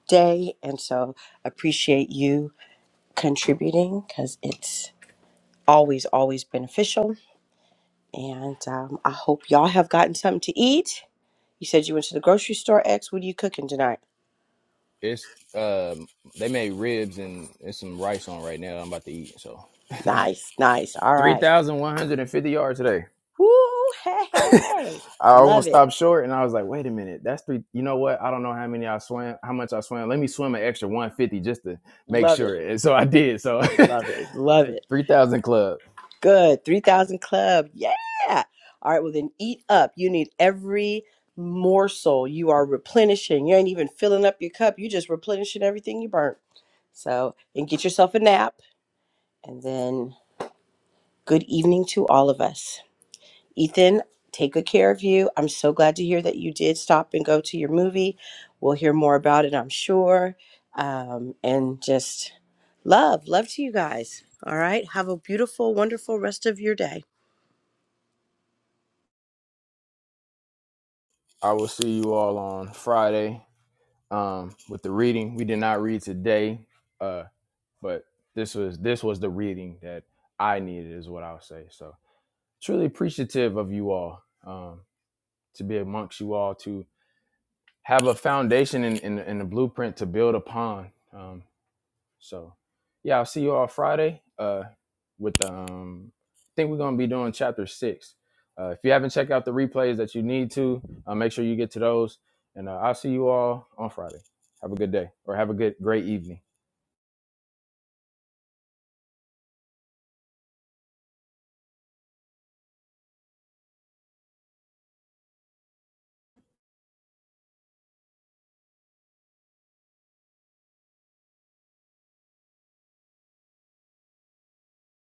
Speaker 2: day and so appreciate you contributing because it's always always beneficial and um, i hope y'all have gotten something to eat You said you went to the grocery store, X. What are you cooking tonight?
Speaker 1: It's um they made ribs and there's some rice on right now. I'm about to eat. So
Speaker 2: Nice, nice. All
Speaker 1: three
Speaker 2: right.
Speaker 1: thousand one hundred and fifty yards today.
Speaker 2: Woo, hey, hey.
Speaker 1: I
Speaker 2: Love
Speaker 1: almost stopped
Speaker 2: it.
Speaker 1: short and I was like, wait a minute, that's three." You know what? I don't know how many I swam, how much I swam. Let me swim an extra one fifty just to make
Speaker 2: Love it.
Speaker 1: sure. And so I did. So
Speaker 2: Love it. Love it.
Speaker 1: three thousand club.
Speaker 2: Good. 3000 Club. Yeah. All right. Well, then eat up. You need every morsel. You are replenishing. You ain't even filling up your cup. you just replenishing everything you burnt. So, and get yourself a nap. And then good evening to all of us. Ethan, take good care of you. I'm so glad to hear that you did stop and go to your movie. We'll hear more about it, I'm sure. Um, and just love, love to you guys. All right. Have a beautiful, wonderful rest of your day.
Speaker 1: I will see you all on Friday um with the reading. We did not read today, uh, but this was this was the reading that I needed is what I'll say. So. truly appreciative of you all um, to be amongst you all to have a foundation and in, in, in a blueprint to build upon um, so yeah i'll see you all friday uh, with um, i think we're going to be doing chapter six uh, if you haven't checked out the replays that you need to uh, make sure you get to those and uh, i'll see you all on friday have a good day or have a good great evening